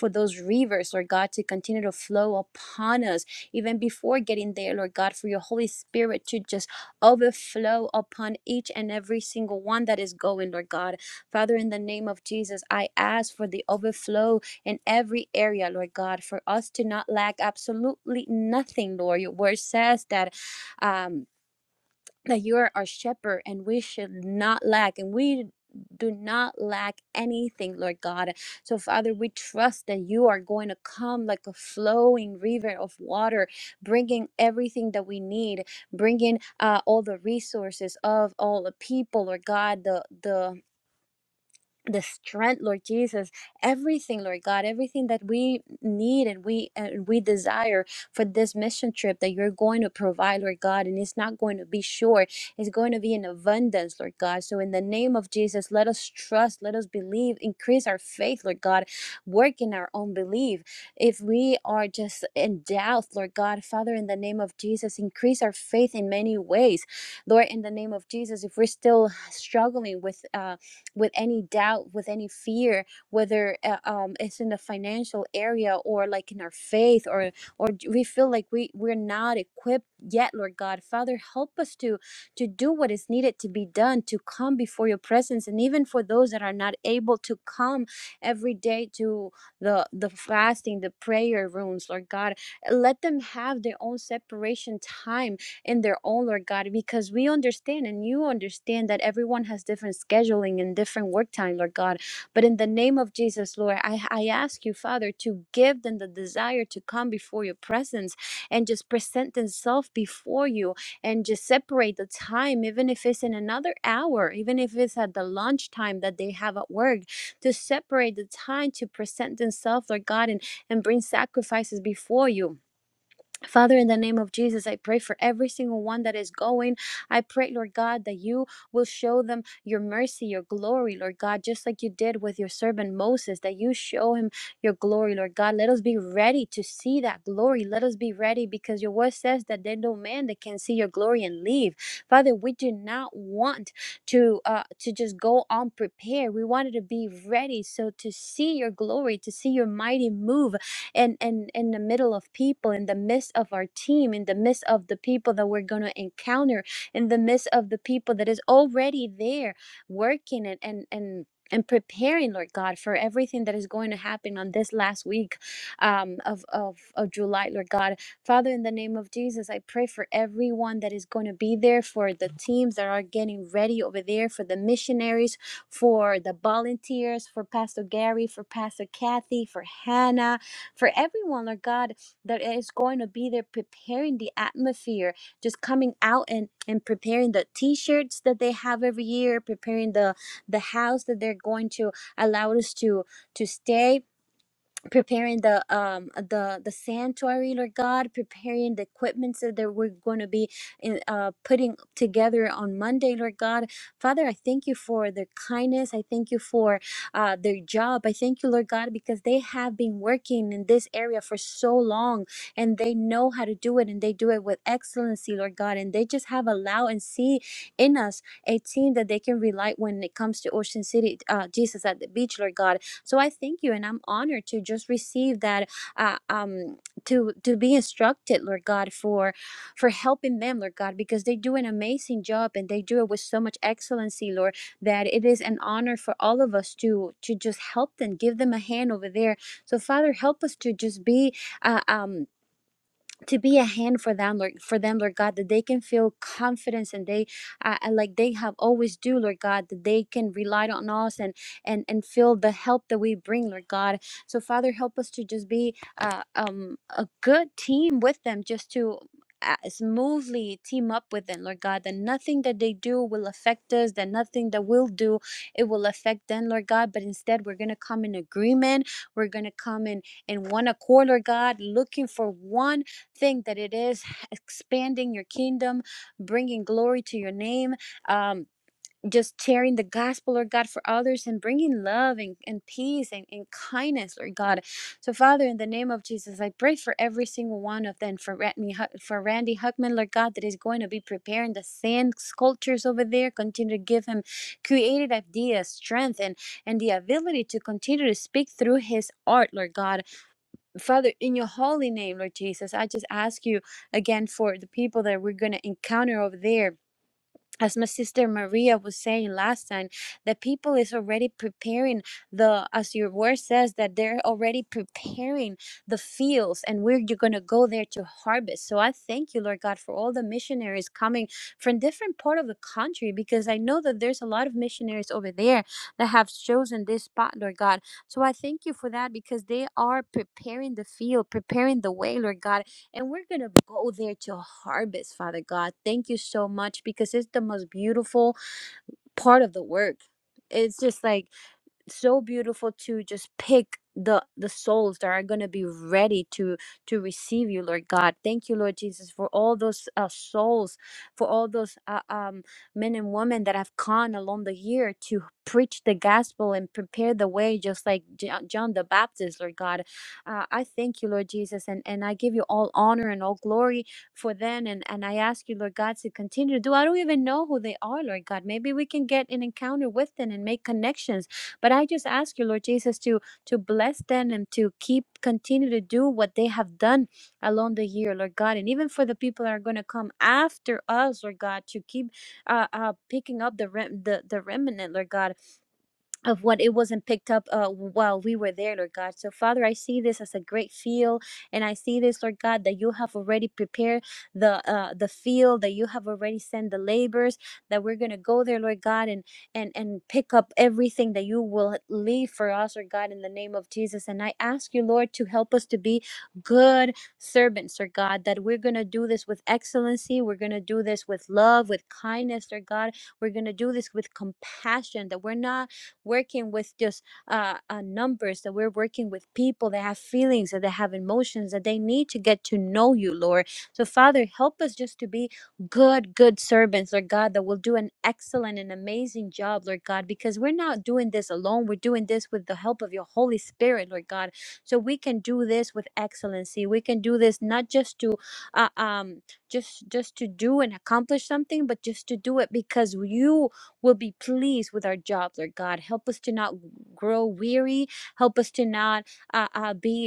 Speaker 3: for those rivers, Lord God, to continue to flow upon us even before getting there, Lord God, for your Holy Spirit to just overflow upon each and every single one that is going, Lord God. Father, in the name of Jesus, I ask for the overflow in every area, Lord God, for us to not lack absolutely nothing, Lord. Your word says that. Um, that you are our shepherd and we should not lack and we do not lack anything, Lord God. So, Father, we trust that you are going to come like a flowing river of water, bringing everything that we need, bringing uh, all the resources of all the people, Lord God, the the the strength lord jesus everything lord god everything that we need and we and we desire for this mission trip that you're going to provide lord god and it's not going to be short it's going to be in abundance lord god so in the name of jesus let us trust let us believe increase our faith lord god work in our own belief if we are just in doubt lord god father in the name of jesus increase our faith in many ways lord in the name of jesus if we're still struggling with uh with any doubt, with any fear, whether uh, um, it's in the financial area or like in our faith, or or d- we feel like we we're not equipped yet, Lord God, Father, help us to to do what is needed to be done to come before Your presence, and even for those that are not able to come every day to the the fasting, the prayer rooms, Lord God, let them have their own separation time in their own, Lord God, because we understand and you understand that everyone has different scheduling and different work time, Lord God. But in the name of Jesus, Lord, I, I ask you, Father, to give them the desire to come before your presence and just present themselves before you and just separate the time, even if it's in another hour, even if it's at the lunch time that they have at work, to separate the time to present themselves, Lord God, and, and bring sacrifices before you Father, in the name of Jesus, I pray for every single one that is going. I pray, Lord God, that you will show them your mercy, your glory, Lord God, just like you did with your servant Moses, that you show him your glory, Lord God. Let us be ready to see that glory. Let us be ready because your word says that there's no man that can see your glory and leave. Father, we do not want to uh, to just go unprepared. We wanted to be ready so to see your glory, to see your mighty move and and in the middle of people in the midst of our team in the midst of the people that we're going to encounter in the midst of the people that is already there working and and and and preparing, Lord God, for everything that is going to happen on this last week um, of, of, of July, Lord God. Father, in the name of Jesus, I pray for everyone that is going to be there, for the teams that are getting ready over there, for the missionaries, for the volunteers, for Pastor Gary, for Pastor Kathy, for Hannah, for everyone, Lord God, that is going to be there preparing the atmosphere, just coming out and, and preparing the t shirts that they have every year, preparing the, the house that they're going to allow us to, to stay preparing the um the the sanctuary lord god preparing the equipments that there we're going to be in, uh putting together on monday lord god father i thank you for their kindness i thank you for uh their job i thank you lord god because they have been working in this area for so long and they know how to do it and they do it with excellency lord god and they just have allow and see in us a team that they can rely when it comes to ocean city uh jesus at the beach lord god so I thank you, and I'm honored to just receive that, uh, um, to to be instructed, Lord God, for for helping them, Lord God, because they do an amazing job and they do it with so much excellency, Lord, that it is an honor for all of us to to just help them, give them a hand over there. So Father, help us to just be, uh, um to be a hand for them lord for them lord god that they can feel confidence and they uh, uh, like they have always do lord god that they can rely on us and and and feel the help that we bring lord god so father help us to just be uh, um a good team with them just to uh, smoothly team up with them lord god that nothing that they do will affect us that nothing that we'll do it will affect them lord god but instead we're gonna come in agreement we're gonna come in in one accord lord god looking for one thing that it is expanding your kingdom bringing glory to your name um just sharing the gospel, Lord God, for others and bringing love and, and peace and, and kindness, Lord God. So, Father, in the name of Jesus, I pray for every single one of them, for Randy, for Randy Huckman, Lord God, that is going to be preparing the sand sculptures over there. Continue to give him creative ideas, strength, and, and the ability to continue to speak through his art, Lord God Father, in your holy name, Lord Jesus, I just ask you again for the people that we're going to encounter over there as my sister Maria was saying last time, the people is already preparing the, as your word says, that they're already preparing the fields and where you're going to go there to harvest. So I thank you, Lord God, for all the missionaries coming from different part of the country, because I know that there's a lot of missionaries over there that have chosen this spot, Lord God. So I thank you for that because they are preparing the field, preparing the way, Lord God and we're going to go there to harvest, Father God. Thank you so much because it's the most beautiful part of the work. It's just like so beautiful to just pick the the souls that are going to be ready to to receive you lord god thank you lord jesus for all those uh, souls for all those uh, um men and women that have gone along the year to preach the gospel and prepare the way just like Jo- john the baptist lord god uh, i thank you lord jesus and and i give you all honor and all glory for them and and i ask you lord god to continue to do i don't even know who they are lord god maybe we can get an encounter with them and make connections but I just ask you, Lord Jesus, to to bless them and to keep continue to do what they have done along the year, Lord God, and even for the people that are going to come after us, Lord God, to keep uh, uh picking up the rem- the the remnant, Lord God of what it wasn't picked up uh, while we were there, Lord God. So, Father, I see this as a great field, and I see this, Lord God, that you have already prepared the uh, the field, that you have already sent the labors, that we're gonna go there, Lord God, and and and pick up everything that you will leave for us, Lord God, in the name of Jesus. And I ask you, Lord, to help us to be good servants, Lord God, that we're gonna do this with excellency, we're gonna do this with love, with kindness, Lord God. We're gonna do this with compassion, that we're not working with just uh, uh, numbers, that we're working with people that have feelings, that they have emotions, that they need to get to know you, Lord. So, Father, help us just to be good, good servants, Lord God, that will do an excellent and amazing job, Lord God, because we're not doing this alone. We're doing this with the help of your Holy Spirit, Lord God. So we can do this with excellency. We can do this not just to, uh, um, just just to do and accomplish something, but just to do it because you will be pleased with our job, Lord God. Help us to not grow weary. Help us to not uh, uh, be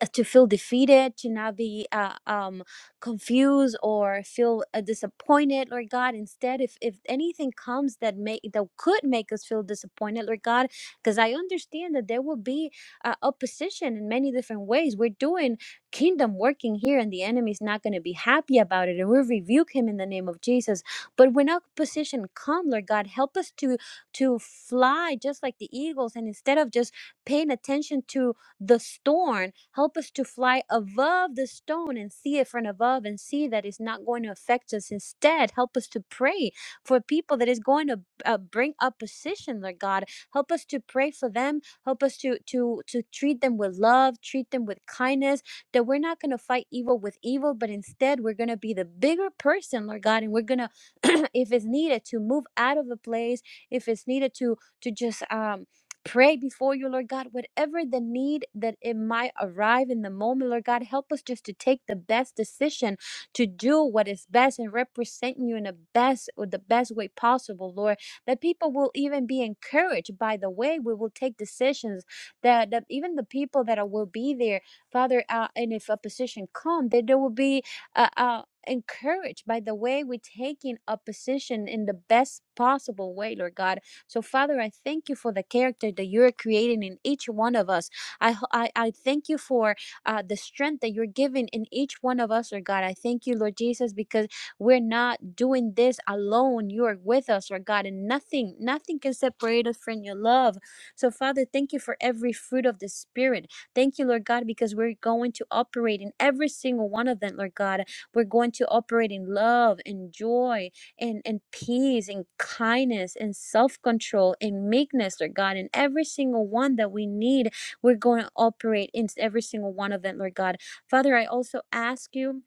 Speaker 3: um, uh, to feel defeated, to not be uh, um, confused or feel uh, disappointed, Lord God. Instead, if if anything comes that may that could make us feel disappointed, Lord God, because I understand that there will be uh, opposition in many different ways. We're doing kingdom working here, and the enemy's not going to be happy about it, and we rebuke him in the name of Jesus. But when opposition comes, Lord God, help us to to fly just like the eagles, and instead of just paying attention to the storm. Help us to fly above the stone and see it from above and see that it's not going to affect us. Instead, help us to pray for people that is going to uh, bring opposition, Lord God. Help us to pray for them. Help us to to to treat them with love, treat them with kindness. That we're not going to fight evil with evil, but instead we're going to be the bigger person, Lord God, and we're going to, if it's needed, to move out of a place. If it's needed to to just um pray before you, Lord God, whatever the need that it might arrive in the moment, Lord God, help us just to take the best decision to do what is best and represent you in the best or the best way possible, Lord. That people will even be encouraged by the way we will take decisions. That, that even the people that are, will be there, Father, uh, and if opposition come, that there will be uh, uh, encouraged by the way we taking opposition in the best possible way, Lord God so, Father, I thank you for the character that you're creating in each one of us. I, ho- I, I thank you for uh, the strength that you're giving in each one of us, Lord God. I thank you, Lord Jesus, because we're not doing this alone. You are with us, Lord God, and nothing, nothing can separate us from your love. So, Father, thank you for every fruit of the Spirit. Thank you, Lord God, because we're going to operate in every single one of them, Lord God. We're going to operate in love and joy and, and peace and kindness and self-control and meekness, Lord God. And every single one that we need, we're going to operate in every single one of them, Lord God. Father, I also ask you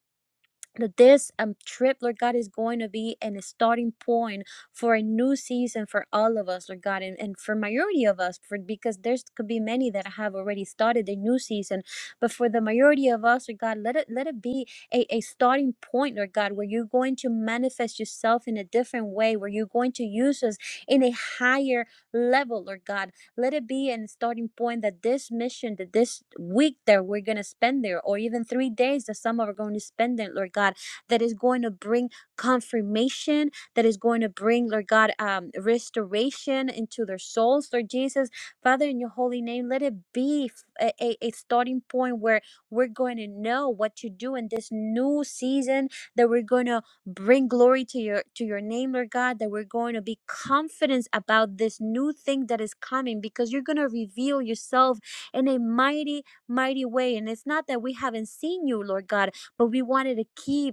Speaker 3: that this um, trip, Lord God, is going to be an, a starting point for a new season for all of us, Lord God, and, and for majority of us, for because there's could be many that have already started their new season, but for the majority of us, Lord God, let it let it be a, a starting point, Lord God, where you're going to manifest yourself in a different way, where you're going to use us in a higher level, Lord God, let it be a starting point that this mission, that this week that we're going to spend there, or even three days that some are going to spend there, Lord God, that is going to bring confirmation, that is going to bring, Lord God, um, restoration into their souls, Lord Jesus. Father, in your holy name, let it be a a a starting point where we're going to know what to do in this new season that we're going to bring glory to your to your name lord god that we're going to be confident about this new thing that is coming because you're going to reveal yourself in a mighty mighty way and it's not that we haven't seen you lord god but we wanted to keep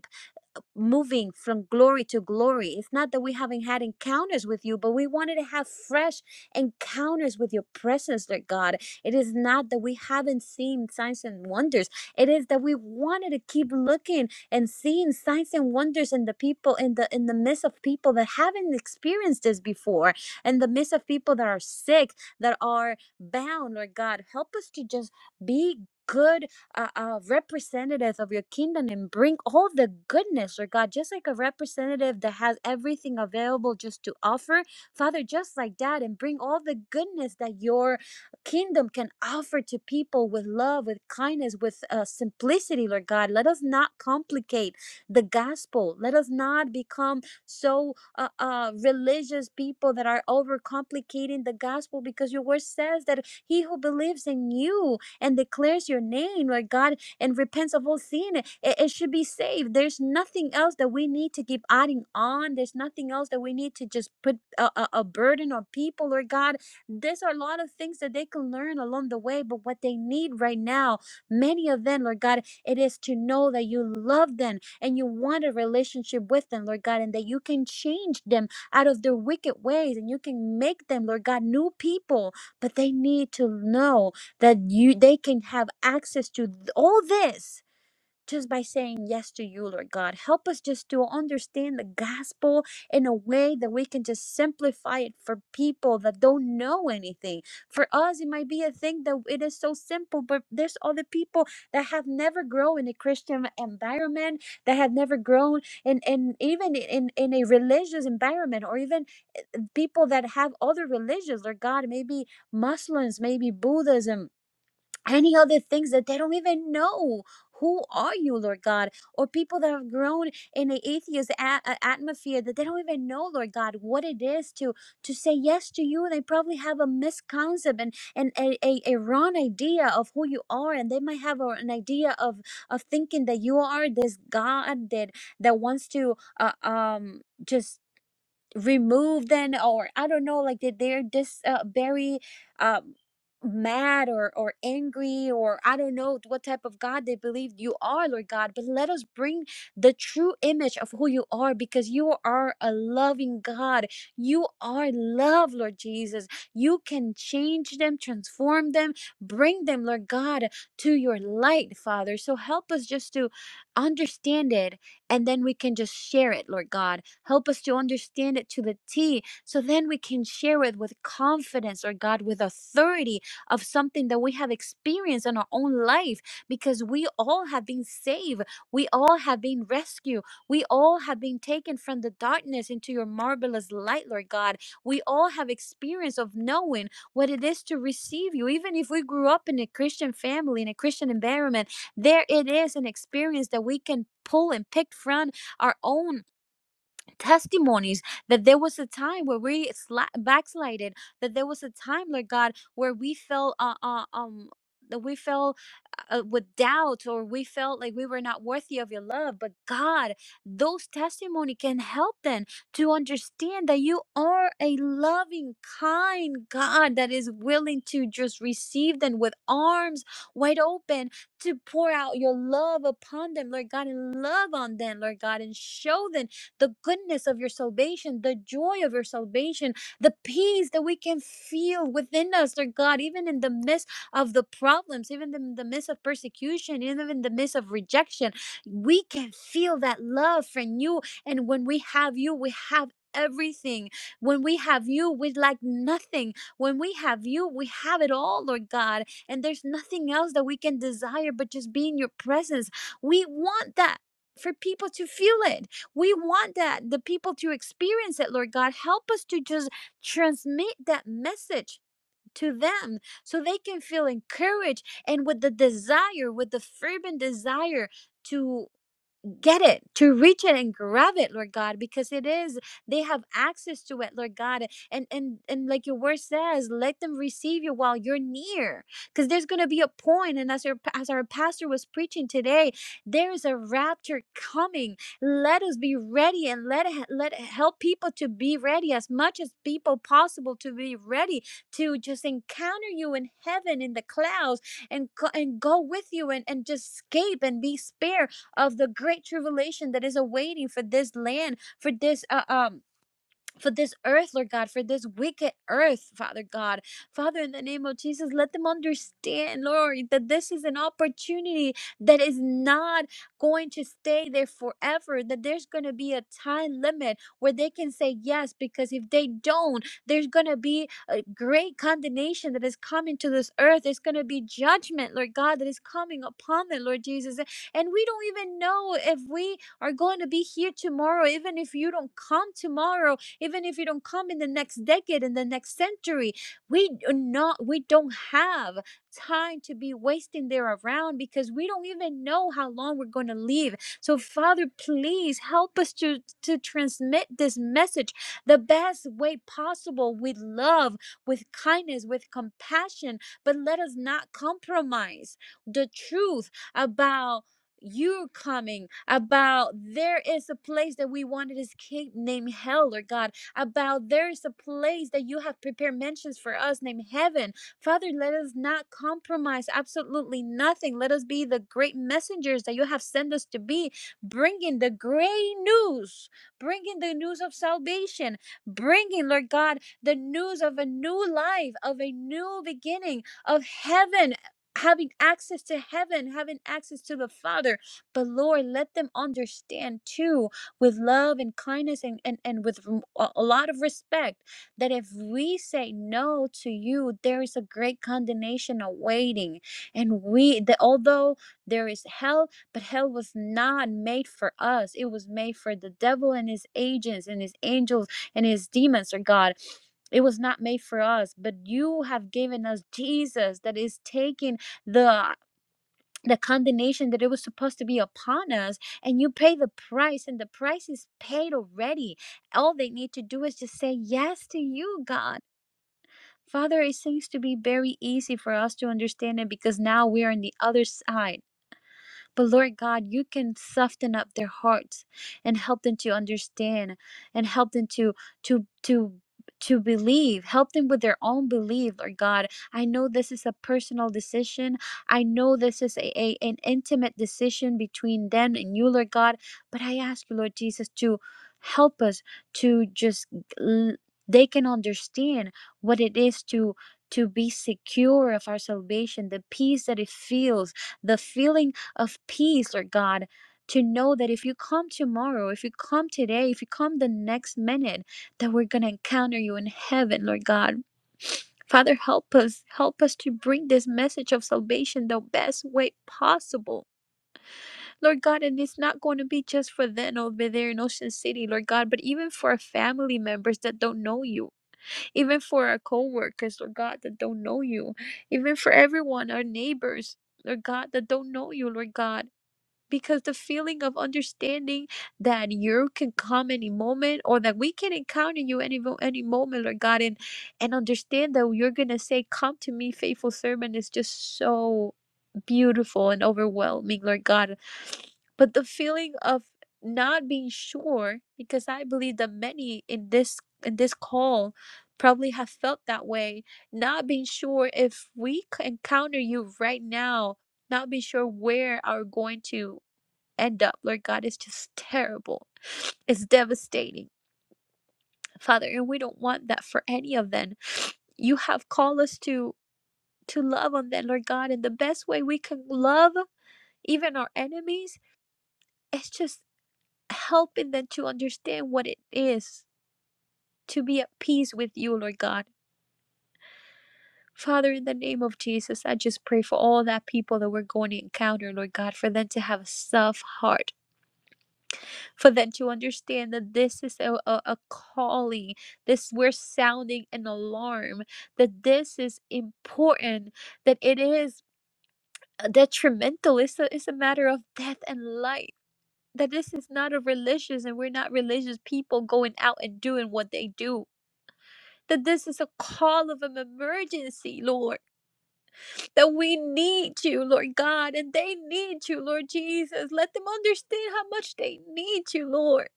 Speaker 3: moving from glory to glory. It's not that we haven't had encounters with you, but we wanted to have fresh encounters with your presence, Lord God. It is not that we haven't seen signs and wonders. It is that we wanted to keep looking and seeing signs and wonders in the people in the in the midst of people that haven't experienced this before, in the midst of people that are sick, that are bound, Lord God. Help us to just be good a, a representative of your kingdom and bring all the goodness, Lord God, just like a representative that has everything available just to offer, Father, just like that, and bring all the goodness that your kingdom can offer to people with love, with kindness, with uh, simplicity, Lord God. Let us not complicate the gospel. Let us not become so uh, uh, religious people that are overcomplicating the gospel because your word says that he who believes in you and declares your name, Lord God, and repents of all sin, it, it should be saved. There's nothing else that we need to keep adding on. There's nothing else that we need to just put a, a, a burden on people, Lord God. There's a lot of things that they can learn along the way, but what they need right now, many of them, Lord God, it is to know that you love them and you want a relationship with them, Lord God, and that you can change them out of their wicked ways and you can make them, Lord God, new people. But they need to know that you they can have access to th- all this just by saying yes to you lord god help us just to understand the gospel in a way that we can just simplify it for people that don't know anything for us it might be a thing that it is so simple but there's other people that have never grown in a christian environment that have never grown in, in even in, in a religious environment or even people that have other religions lord god maybe muslims maybe buddhism any other things that they don't even know. Who are you, Lord God? Or people that have grown in an atheist a- a- atmosphere that they don't even know, Lord God, what it is to to say yes to you. They probably have a misconcept and, and a, a, a wrong idea of who you are. And they might have a- an idea of, of thinking that you are this God that, that wants to uh, um just remove then or i don't know like that they're just uh, very um mad or or angry or i don't know what type of god they believe you are lord god but let us bring the true image of who you are because you are a loving god you are love lord jesus you can change them transform them bring them lord god to your light father so help us just to understand it and then we can just share it, Lord God. Help us to understand it to the T so then we can share it with confidence, Lord God, with authority of something that we have experienced in our own life because we all have been saved. We all have been rescued. We all have been taken from the darkness into your marvelous light, Lord God. We all have experience of knowing what it is to receive you, even if we grew up in a Christian family, in a Christian environment there it is an experience that we can pull and pick from our own testimonies that there was a time where we sla- backslided that there was a time lord god where we felt uh, uh, um that we felt uh, uh, with doubt or we felt like we were not worthy of your love but god those testimony can help them to understand that you are a loving kind god that is willing to just receive them with arms wide open to pour out your love upon them lord god and love on them lord god and show them the goodness of your salvation, the joy of your salvation, the peace that we can feel within us, Lord God, even in the midst of the problems, even in the midst of persecution, even in the midst of rejection. We can feel that love from you. And when we have you, we have everything. When we have you, we lack nothing. When we have you, we have it all, Lord God. And there's nothing else that we can desire but just be in your presence. We want that for people to feel it. We want that the people to experience it, Lord God. Help us to just transmit that message to them so they can feel encouraged and with the desire, with the fervent desire to get it, to reach it and grab it, Lord God, because it is, they have access to it, Lord God. And and and like your word says, let them receive you while you're near. Because there's gonna be a point, and as our as our pastor was preaching today, there is a rapture coming. Let us be ready and let let help people to be ready as much as people possible to be ready to just encounter you in heaven in the clouds and go, and go with you and, and just escape and be spared of the great tribulation that is awaiting for this land, for this uh, um for this earth, Lord God, for this wicked earth, Father God. Father, in the name of Jesus, let them understand, Lord, that this is an opportunity that is not going to stay there forever, that there's going to be a time limit where they can say yes, because if they don't, there's going to be a great condemnation that is coming to this earth. There's going to be judgment, Lord God, that is coming upon them, Lord Jesus. And we don't even know if we are going to be here tomorrow, even if you don't come tomorrow even if you don't come in the next decade in the next century we do not we don't have time to be wasting there around because we don't even know how long we're going to live so father please help us to to transmit this message the best way possible with love with kindness with compassion but let us not compromise the truth about you coming about there is a place that we wanted his king named hell or god about there is a place that you have prepared mentions for us named heaven. Father, let us not compromise absolutely nothing. Let us be the great messengers that you have sent us to be, bringing the great news, bringing the news of salvation, bringing, Lord God, the news of a new life, of a new beginning, of heaven. Having access to heaven, having access to the Father. But Lord, let them understand too with love and kindness and, and, and with rem- a lot of respect. That if we say no to you, there is a great condemnation awaiting. And we, that although there is hell, but hell was not made for us, it was made for the devil and his agents and his angels and his demons, or God. It was not made for us, but you have given us Jesus that is taking the the condemnation that it was supposed to be upon us and you pay the price and the price is paid already all they need to do is just say yes to you god father it seems to be very easy for us to understand it because now we're on the other side but Lord God, you can soften up their hearts and help them to understand and help them to to to to believe, help them with their own belief, Lord God. I know this is a personal decision. I know this is a, a an intimate decision between them and you, Lord God. But I ask you, Lord Jesus, to help us to just l- they can understand what it is to to be secure of our salvation the peace that it feels the feeling of peace, Lord God, to know that if you come tomorrow, if you come today, if you come the next minute, that we're going to encounter you in heaven, Lord God. Father, help us. Help us to bring this message of salvation the best way possible. Lord God, and it's not going to be just for them over there in Ocean City, Lord God, but even for our family members that don't know you, even for our co workers, Lord God, that don't know you, even for everyone, our neighbors, Lord God, that don't know you, Lord God because the feeling of understanding that you can come any moment or that we can encounter you any mo- any moment lord god and and understand that you're gonna say come to me faithful servant is just so beautiful and overwhelming lord god but the feeling of not being sure because i believe that many in this in this call probably have felt that way not being sure if we c- encounter you right now not be sure where are going to end up, Lord God, is just terrible. It's devastating, Father, and we don't want that for any of them. You have called us to to love on them, Lord God, and the best way we can love even our enemies is just helping them to understand what it is to be at peace with you, Lord God. Father, in the name of Jesus, I just pray for all that people that we're going to encounter, Lord God, for them to have a soft heart for them to understand that this is a, a, a calling this we're sounding an alarm that this is important that it is uh, detrimental it's a, it's a matter of death and life that this is not a religious and we're not religious people going out and doing what they do that this is a call of an emergency, Lord. That we need you, Lord God, and they need you, Lord Jesus. Let them understand how much they need you, Lord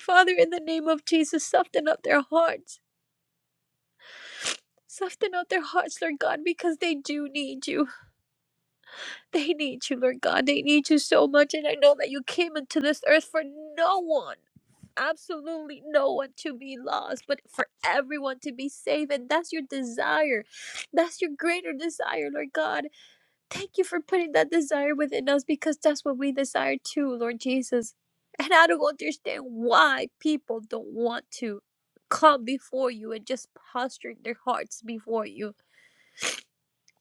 Speaker 3: Father, in the name of Jesus, soften up their hearts. Soften up their hearts, Lord God, because they do need you. They need you, Lord God. They need you so much. And I know that you came into this earth for no one, absolutely no one to be lost, but for everyone to be saved. And that's your desire. That's your greater desire, Lord God. Thank you for putting that desire within us because that's what we desire too, Lord Jesus. And I don't understand why people don't want to come before you and just posturing their hearts before you.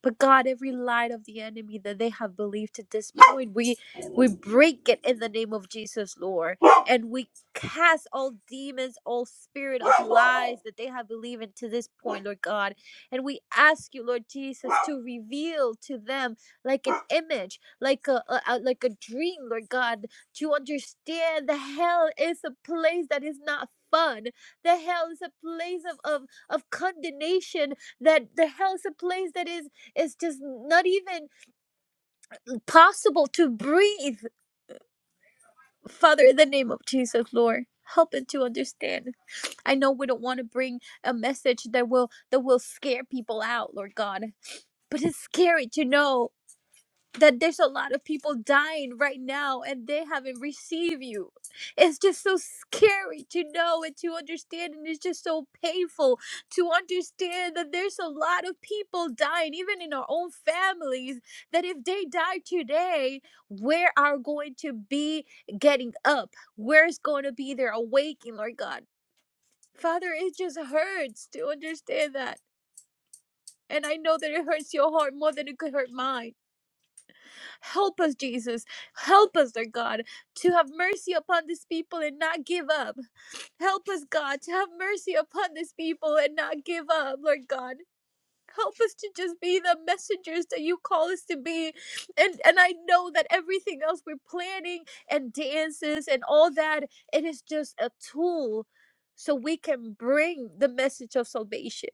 Speaker 3: But God, every lie of the enemy that they have believed to this point, we we break it in the name of Jesus, Lord, and we cast all demons, all spirit of lies that they have believed in to this point, Lord God, and we ask you, Lord Jesus, to reveal to them like an image, like a, a a- like a dream, Lord God, to understand the hell is a place that is not fun. The hell is a place of of, of condemnation. That the hell is a place that is it's just not even possible to breathe. Father, in the name of Jesus, Lord, help us to understand. I know we don't want to bring a message that will that will scare people out, Lord God, but it's scary to know that there's a lot of people dying right now and they haven't received you. It's just so scary to know and to understand, and it's just so painful to understand that there's a lot of people dying, even in our own families, that if they die today, where are going to be getting up? Where's going to be their awakening, Lord God? Father, it just hurts to understand that. And I know that it hurts your heart more than it could hurt mine Help us, Jesus. Help us, Lord God, to have mercy upon these people and not give up. Help us, God, to have mercy upon these people and not give up, Lord God help us to just be the messengers that you call us to be and and i know that everything else we're planning and dances and all that it is just a tool so we can bring the message of salvation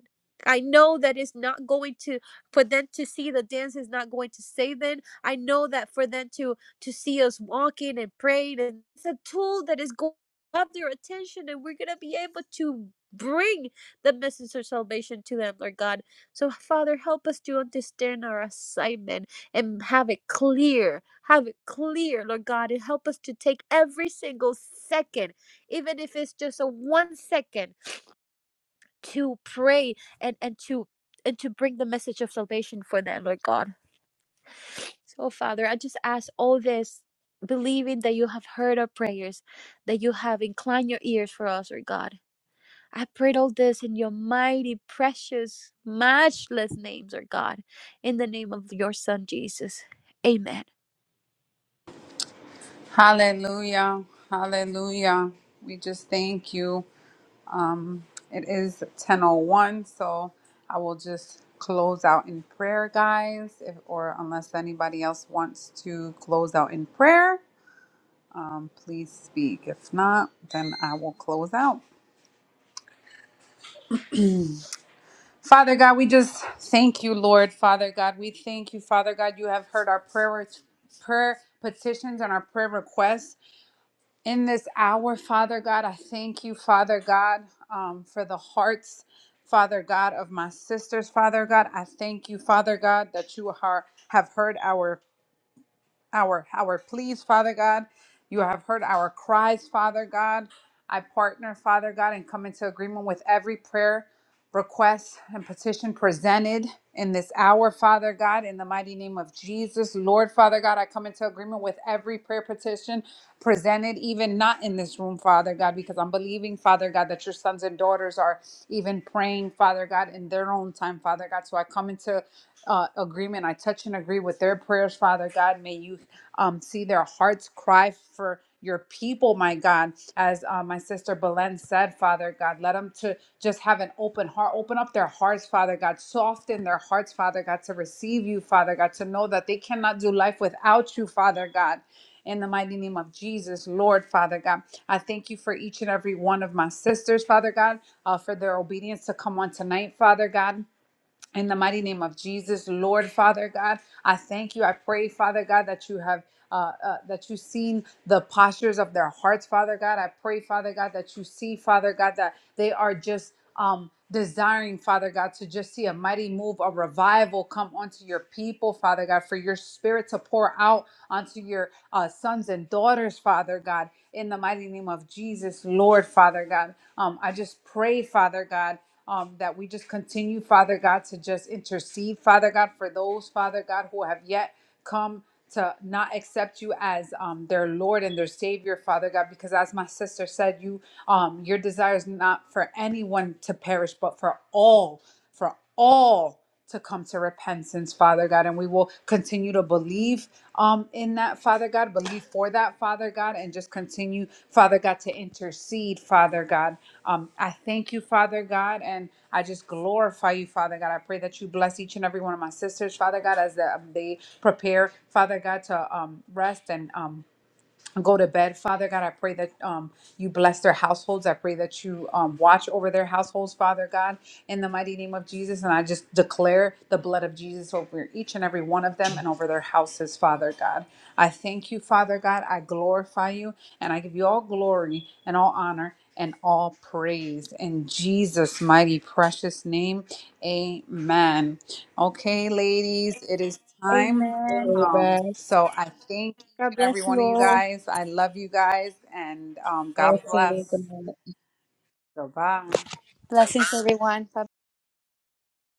Speaker 3: I know that it's not going to for them to see the dance is not going to save them. I know that for them to to see us walking and praying and it's a tool that is going to have their attention and we're gonna be able to bring the message of salvation to them, Lord God so, Father, help us to understand our assignment and have it clear. Have it clear, Lord God, and help us to take every single second, even if it's just a one second, to pray and, and to and to bring the message of salvation for them, Lord God. So, Father, I just ask all this, believing that you have heard our prayers, that you have inclined your ears for us, Lord God. I prayed all this in your mighty, precious, matchless names, our God, in the name of your Son Jesus. Amen.
Speaker 1: Hallelujah. Hallelujah. We just thank you. It is 1001, so I will just close out in prayer, guys. If or unless anybody else wants to close out in prayer, um, please speak. If not, then I will close out. Father God, we just thank you, Lord. Father God, we thank you, Father God. You have heard our prayer prayer petitions and our prayer requests. in this hour, Father God. I thank you, Father God, um, for the hearts, Father God, of my sisters, Father God. I thank you, Father God, that you are, have heard our our our pleas, Father God. You have heard our cries, Father God. I partner, Father God, and come into agreement with every prayer, request, and petition presented in this hour, Father God, in the mighty name of Jesus. Lord, Father God, I come into agreement with every prayer petition presented, even not in this room, Father God, because I'm believing, Father God, that your sons and daughters are even praying, Father God, in their own time, Father God. So I come into uh, agreement. I touch and agree with their prayers, Father God. May you um, see their hearts cry for your people, my God. As uh, my sister Belen said, Father God, let them to just have an open heart, open up their hearts, Father God, soften their hearts, Father God, to receive you, Father God, to know that they cannot do life without you, Father God. In the mighty name of Jesus, Lord, Father God, I thank you for each and every one of my sisters, Father God, uh, for their obedience to come on tonight, Father God. In the mighty name of Jesus, Lord Father God, I thank you. I pray, Father God, that you have. Uh, uh, that you've seen the postures of their hearts, Father God. I pray, Father God, that you see, Father God, that they are just um, desiring, Father God, to just see a mighty move, a revival come onto your people, Father God, for your spirit to pour out onto your uh, sons and daughters, Father God, in the mighty name of Jesus, Lord, Father God. Um, I just pray, Father God um, that we just continue, Father God, to just intercede, Father God, for those, Father God, who have yet come to not accept you as um, their Lord and their Savior, Father God, because as my sister said, you um, your desire is not for anyone to perish, but for all. for for all to come to repentance, Father God. And we will continue to believe um, in that, Father God, believe for that, Father God, and just continue, Father God, to intercede, Father God. Um, I thank you, Father God, and I just glorify you, Father God. I pray that you bless each and every one of my sisters, Father God, as the, they prepare, Father God, to um, rest and um, go to bed. Father God, I pray that um, you bless their households. I pray that you um, watch over their households, Father God, in the mighty name of Jesus. And I just declare the blood of Jesus over each and every one of them and over their houses, Father God. I thank you, Father God. I glorify you and I give you all glory and all honor and all praise in Jesus' mighty precious name. Amen. Okay, ladies, it is time.
Speaker 3: Amen.
Speaker 1: Um,
Speaker 2: Amen.
Speaker 1: so I thank each
Speaker 3: God
Speaker 1: and every
Speaker 3: bless
Speaker 1: one
Speaker 3: you
Speaker 1: of you
Speaker 3: all.
Speaker 1: guys. I love you guys, and um,
Speaker 2: I
Speaker 1: God bless.
Speaker 2: see.
Speaker 1: Goodbye.
Speaker 3: Blessings, everyone.